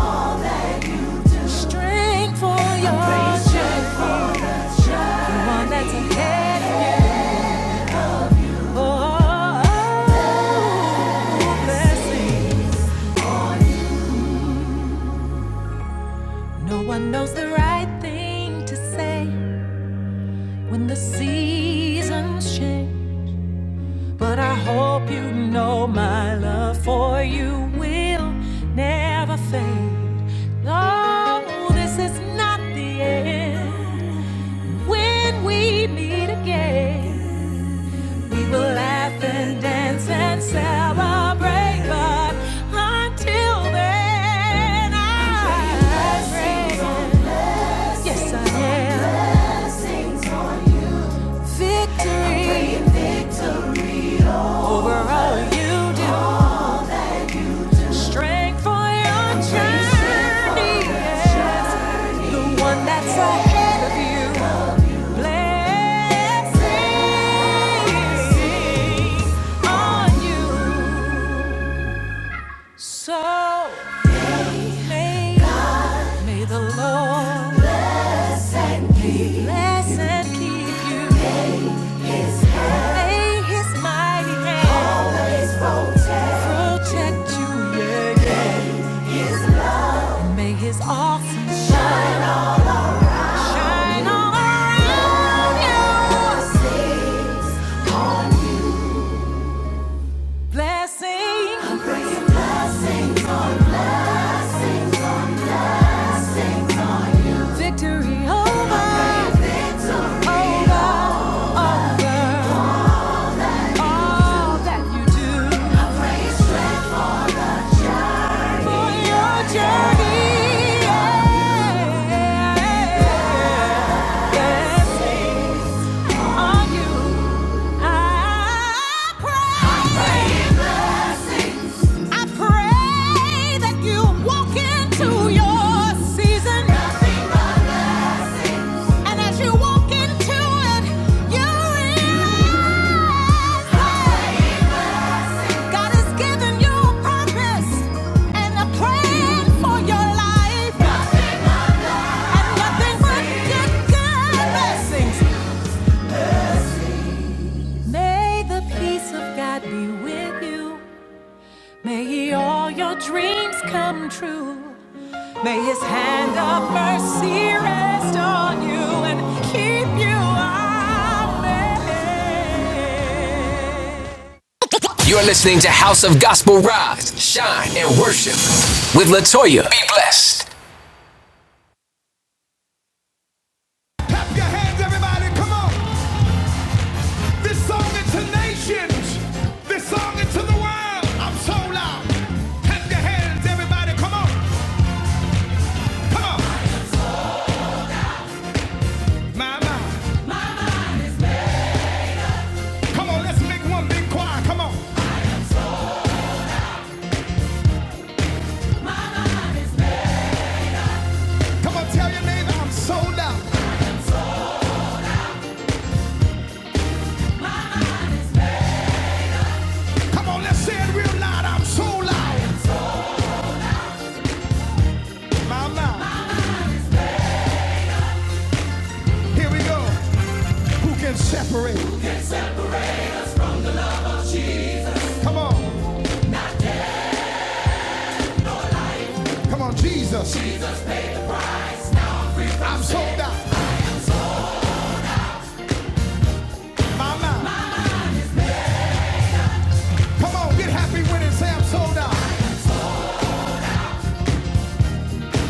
Strength for I'm your praying strength for the child. The one that's ahead. Oh, oh, oh, blessing. No one knows the right thing to say when the seasons change. But I hope you know my love for you will never fade. No, this is not the end. When we meet again, we will laugh and dance and celebrate. But until then, I am praying yes I am victory. over all you do. Strength for your journey. yes. The one that's ahead of you. Blessings on you. So may, may the Lord bless and keep bless and keep you. May His mighty hand always protect protect you. Yeah, yeah. May his awesome shine on, shine all around you. Blessing, a victory over, over, over all that you do for your journey. Yeah. Blessings on you. I pray I pray that you walk into your season. And as you walk into it, you realize God has given you a purpose and a plan for your life. And nothing but good blessings. May the peace of God be with you. May He all your dreams come true. May His hand of mercy rest on you and keep you. Amen. You're listening to House of Gospel Rise, Shine, and Worship with Latoya. Be blessed. Clap your hands, everybody. Come on. This song into nations. This song into the world. I'm so loud. Clap your hands, everybody. Come on. Come on. My, my. Come on, let's make one big choir. Come on. Come on, tell your neighbor I'm so loud. Come on, let's say it real loud. I'm so loud. My, my. Here we go. Who can separate? Come on. Come on, Jesus. I'm sold out. My, my. Come on, get happy with it. Say I'm sold out.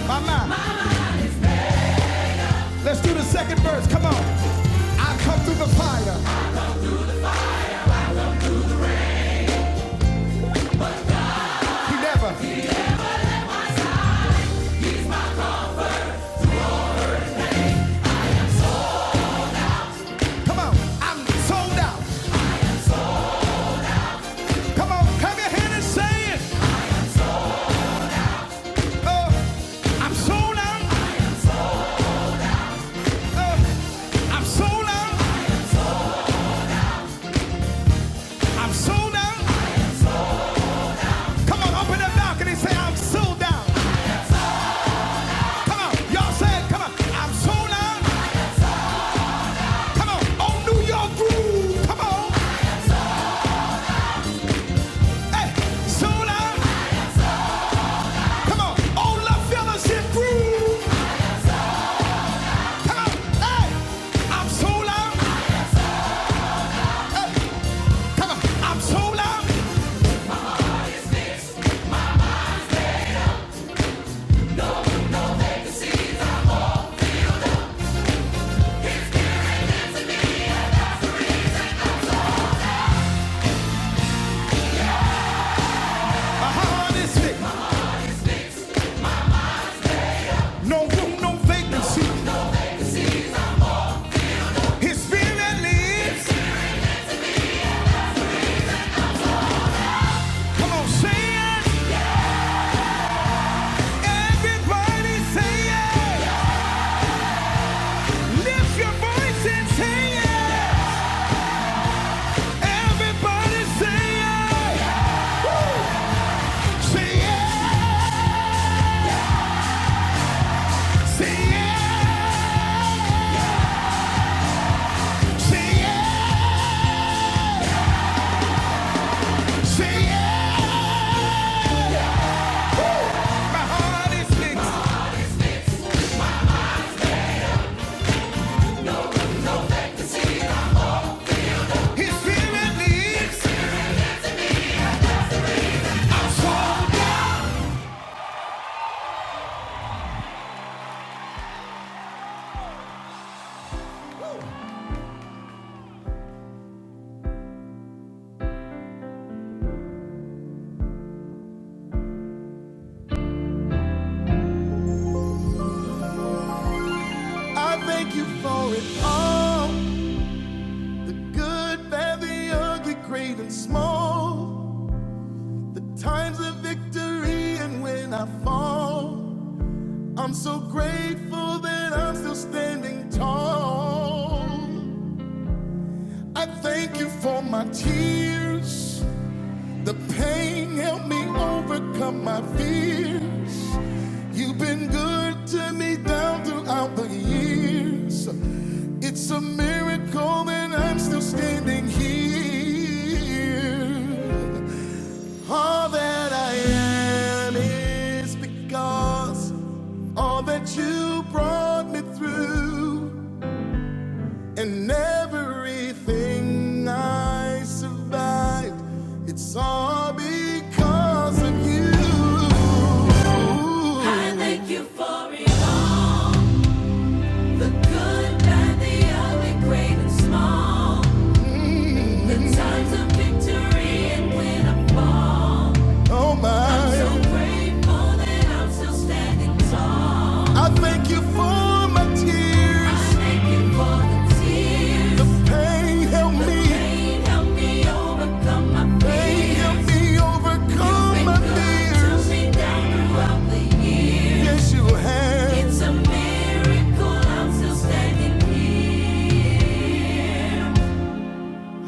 My, my. Let's do the second verse. Come on. I come through the fire. You never. Come on. I'm sold out. Come on. Clap your hand and say it. Uh, I'm sold out. Uh, I'm sold out. I'm sold out. Come on. Open the balcony. and Say I'm sold out. Come on. Y'all say it. Come on. I'm sold out. Come on. On New York groove. Come on. Hey. Sold out. Come on. On La Fellowship groove. Come on. Hey. I'm sold out. Come on. I'm sold out. Honestly. No room, no vacancy. It's really I thank you for it all. The good, bad, the ugly, great and small. The times of victory and when I fall. I'm so grateful that I'm still standing tall. I thank you for my tears. The pain helped me overcome my fears. You've been good to me down throughout the years. It's a miracle that I'm still standing here. All that I am is because all that you brought me through. I thank you for it all. The good, bad, the ugly, great and small. The times of victory and when I fall. So grateful that I'm still standing tall. I give for my tears. I thank you for the tears. The pain helped me. The pain helped me overcome my pain. Helped me overcome You've been my good to fears. me down throughout the years. Yes, you have. It's a miracle I'm still standing here.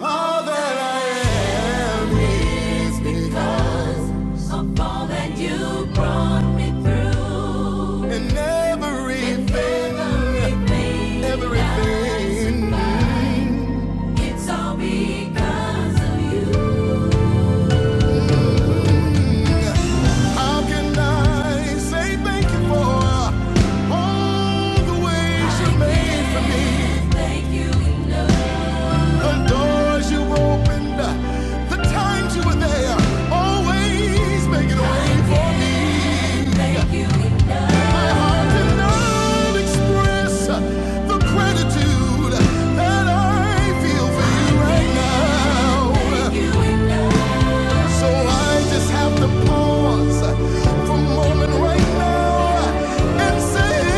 All that I am is because of all that you brought me through. And everything, and everything, everything. Everything. It's all because of you. How can I say thank you for all the ways I you made for me? Thank you enough. the doors you opened, the times you were there, always making a way for me. My heart cannot express the gratitude that I feel for you right now. So I just have to pause for a moment right now and say,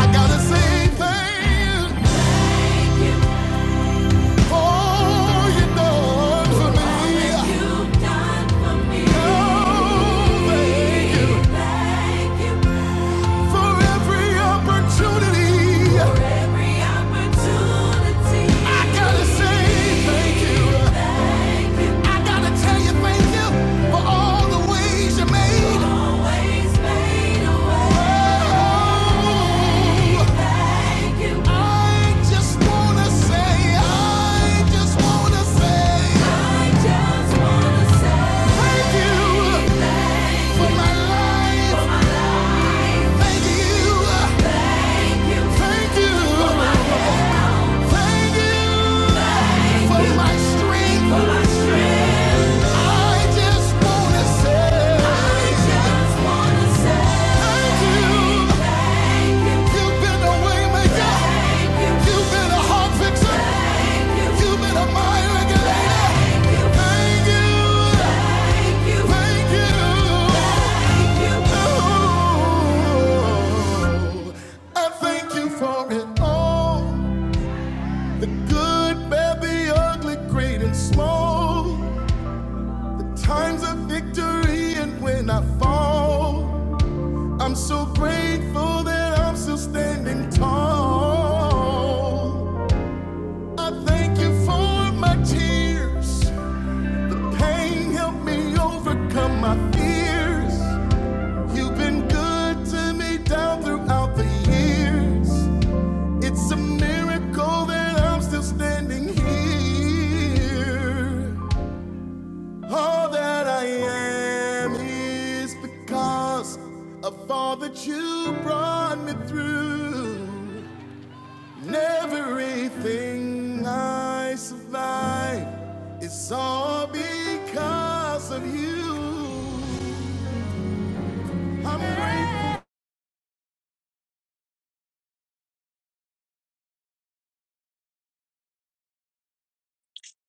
I gotta say thank you all you done for me. Oh, thank you for every opportunity. I gotta say thank you. Tell you thank you for all the ways you made. For my strength, I just wanna say. Thank you for it all. The good, bad, the ugly, great and small. Times of victory and when I fall, pray that Oh, I thank you for my tears. Pain helped me overcome my fears. You've been good to me down throughout the years. It's a miracle that I'm still standing here. All that I am is because of all that you brought me through. And everything I survive is all because of you. I'm grateful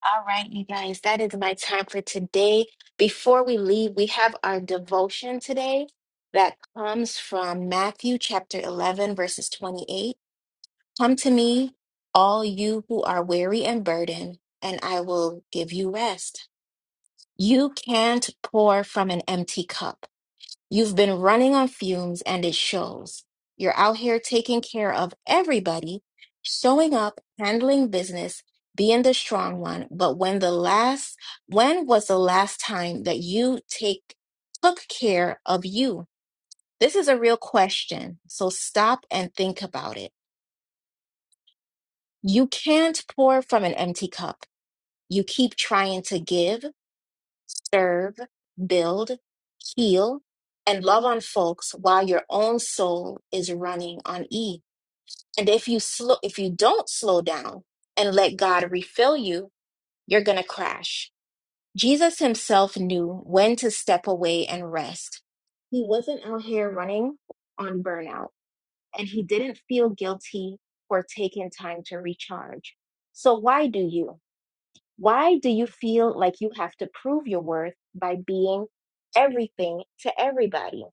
All right, you guys, that is my time for today. Before we leave, we have our devotion today that comes from Matthew chapter 11, verses 28. Come to me, all you who are weary and burdened, and I will give you rest. You can't pour from an empty cup. You've been running on fumes and it shows. You're out here taking care of everybody, showing up, handling business, being the strong one. But when the last, when was the last time that you take, took care of you? This is a real question. So stop and think about it. You can't pour from an empty cup. You keep trying to give. serve, build, heal, and love on folks while your own soul is running on E. And if you slow if you don't slow down and let God refill you, you're going to crash. Jesus himself knew when to step away and rest. He wasn't out here running on burnout, and he didn't feel guilty for taking time to recharge. So why do you? Why do you feel like you have to prove your worth by being everything to everybody?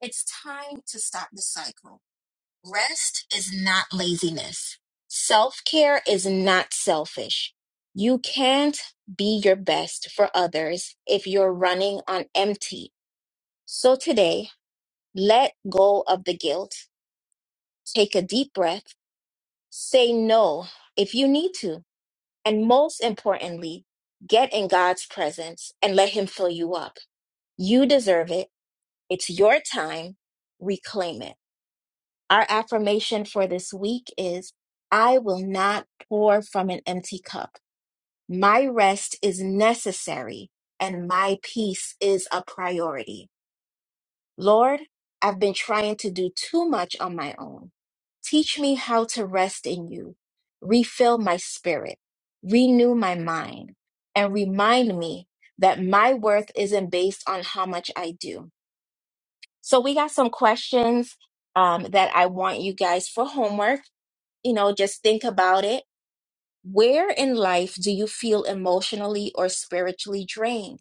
It's time to stop the cycle. Rest is not laziness. Self care is not selfish. You can't be your best for others if you're running on empty. So today, let go of the guilt, take a deep breath, say no if you need to And most importantly, get in God's presence and let Him fill you up. You deserve it. It's your time. Reclaim it. Our affirmation for this week is I will not pour from an empty cup. My rest is necessary and my peace is a priority. Lord, I've been trying to do too much on my own. Teach me how to rest in you, refill my spirit, renew my mind, and remind me that my worth isn't based on how much I do. So, we got some questions um, that I want you guys for homework. You know, just think about it. Where in life do you feel emotionally or spiritually drained?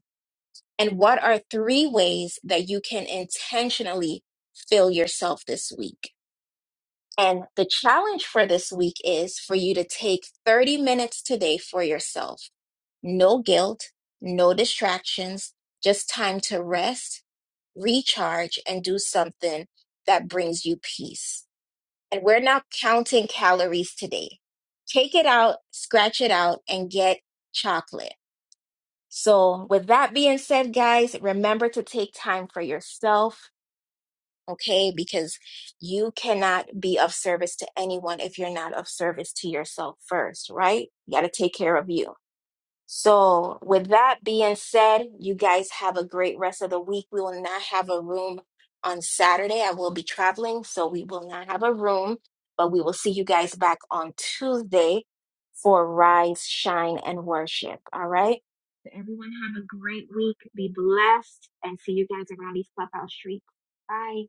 And what are three ways that you can intentionally fill yourself this week? And the challenge for this week is for you to take 30 minutes today for yourself. No guilt, no distractions, just time to rest, recharge, and do something that brings you peace. And we're not counting calories today. Take it out, scratch it out, and get chocolate so, with that being said, guys, remember to take time for yourself, okay? Because you cannot be of service to anyone if you're not of service to yourself first, right? You got to take care of you. So, with that being said, you guys have a great rest of the week. We will not have a room on Saturday. I will be traveling, so we will not have a room, but we will see you guys back on Tuesday for Rise, Shine, and Worship. All right? So everyone have a great week. Be blessed and see you guys around these clubhouse streets. Bye.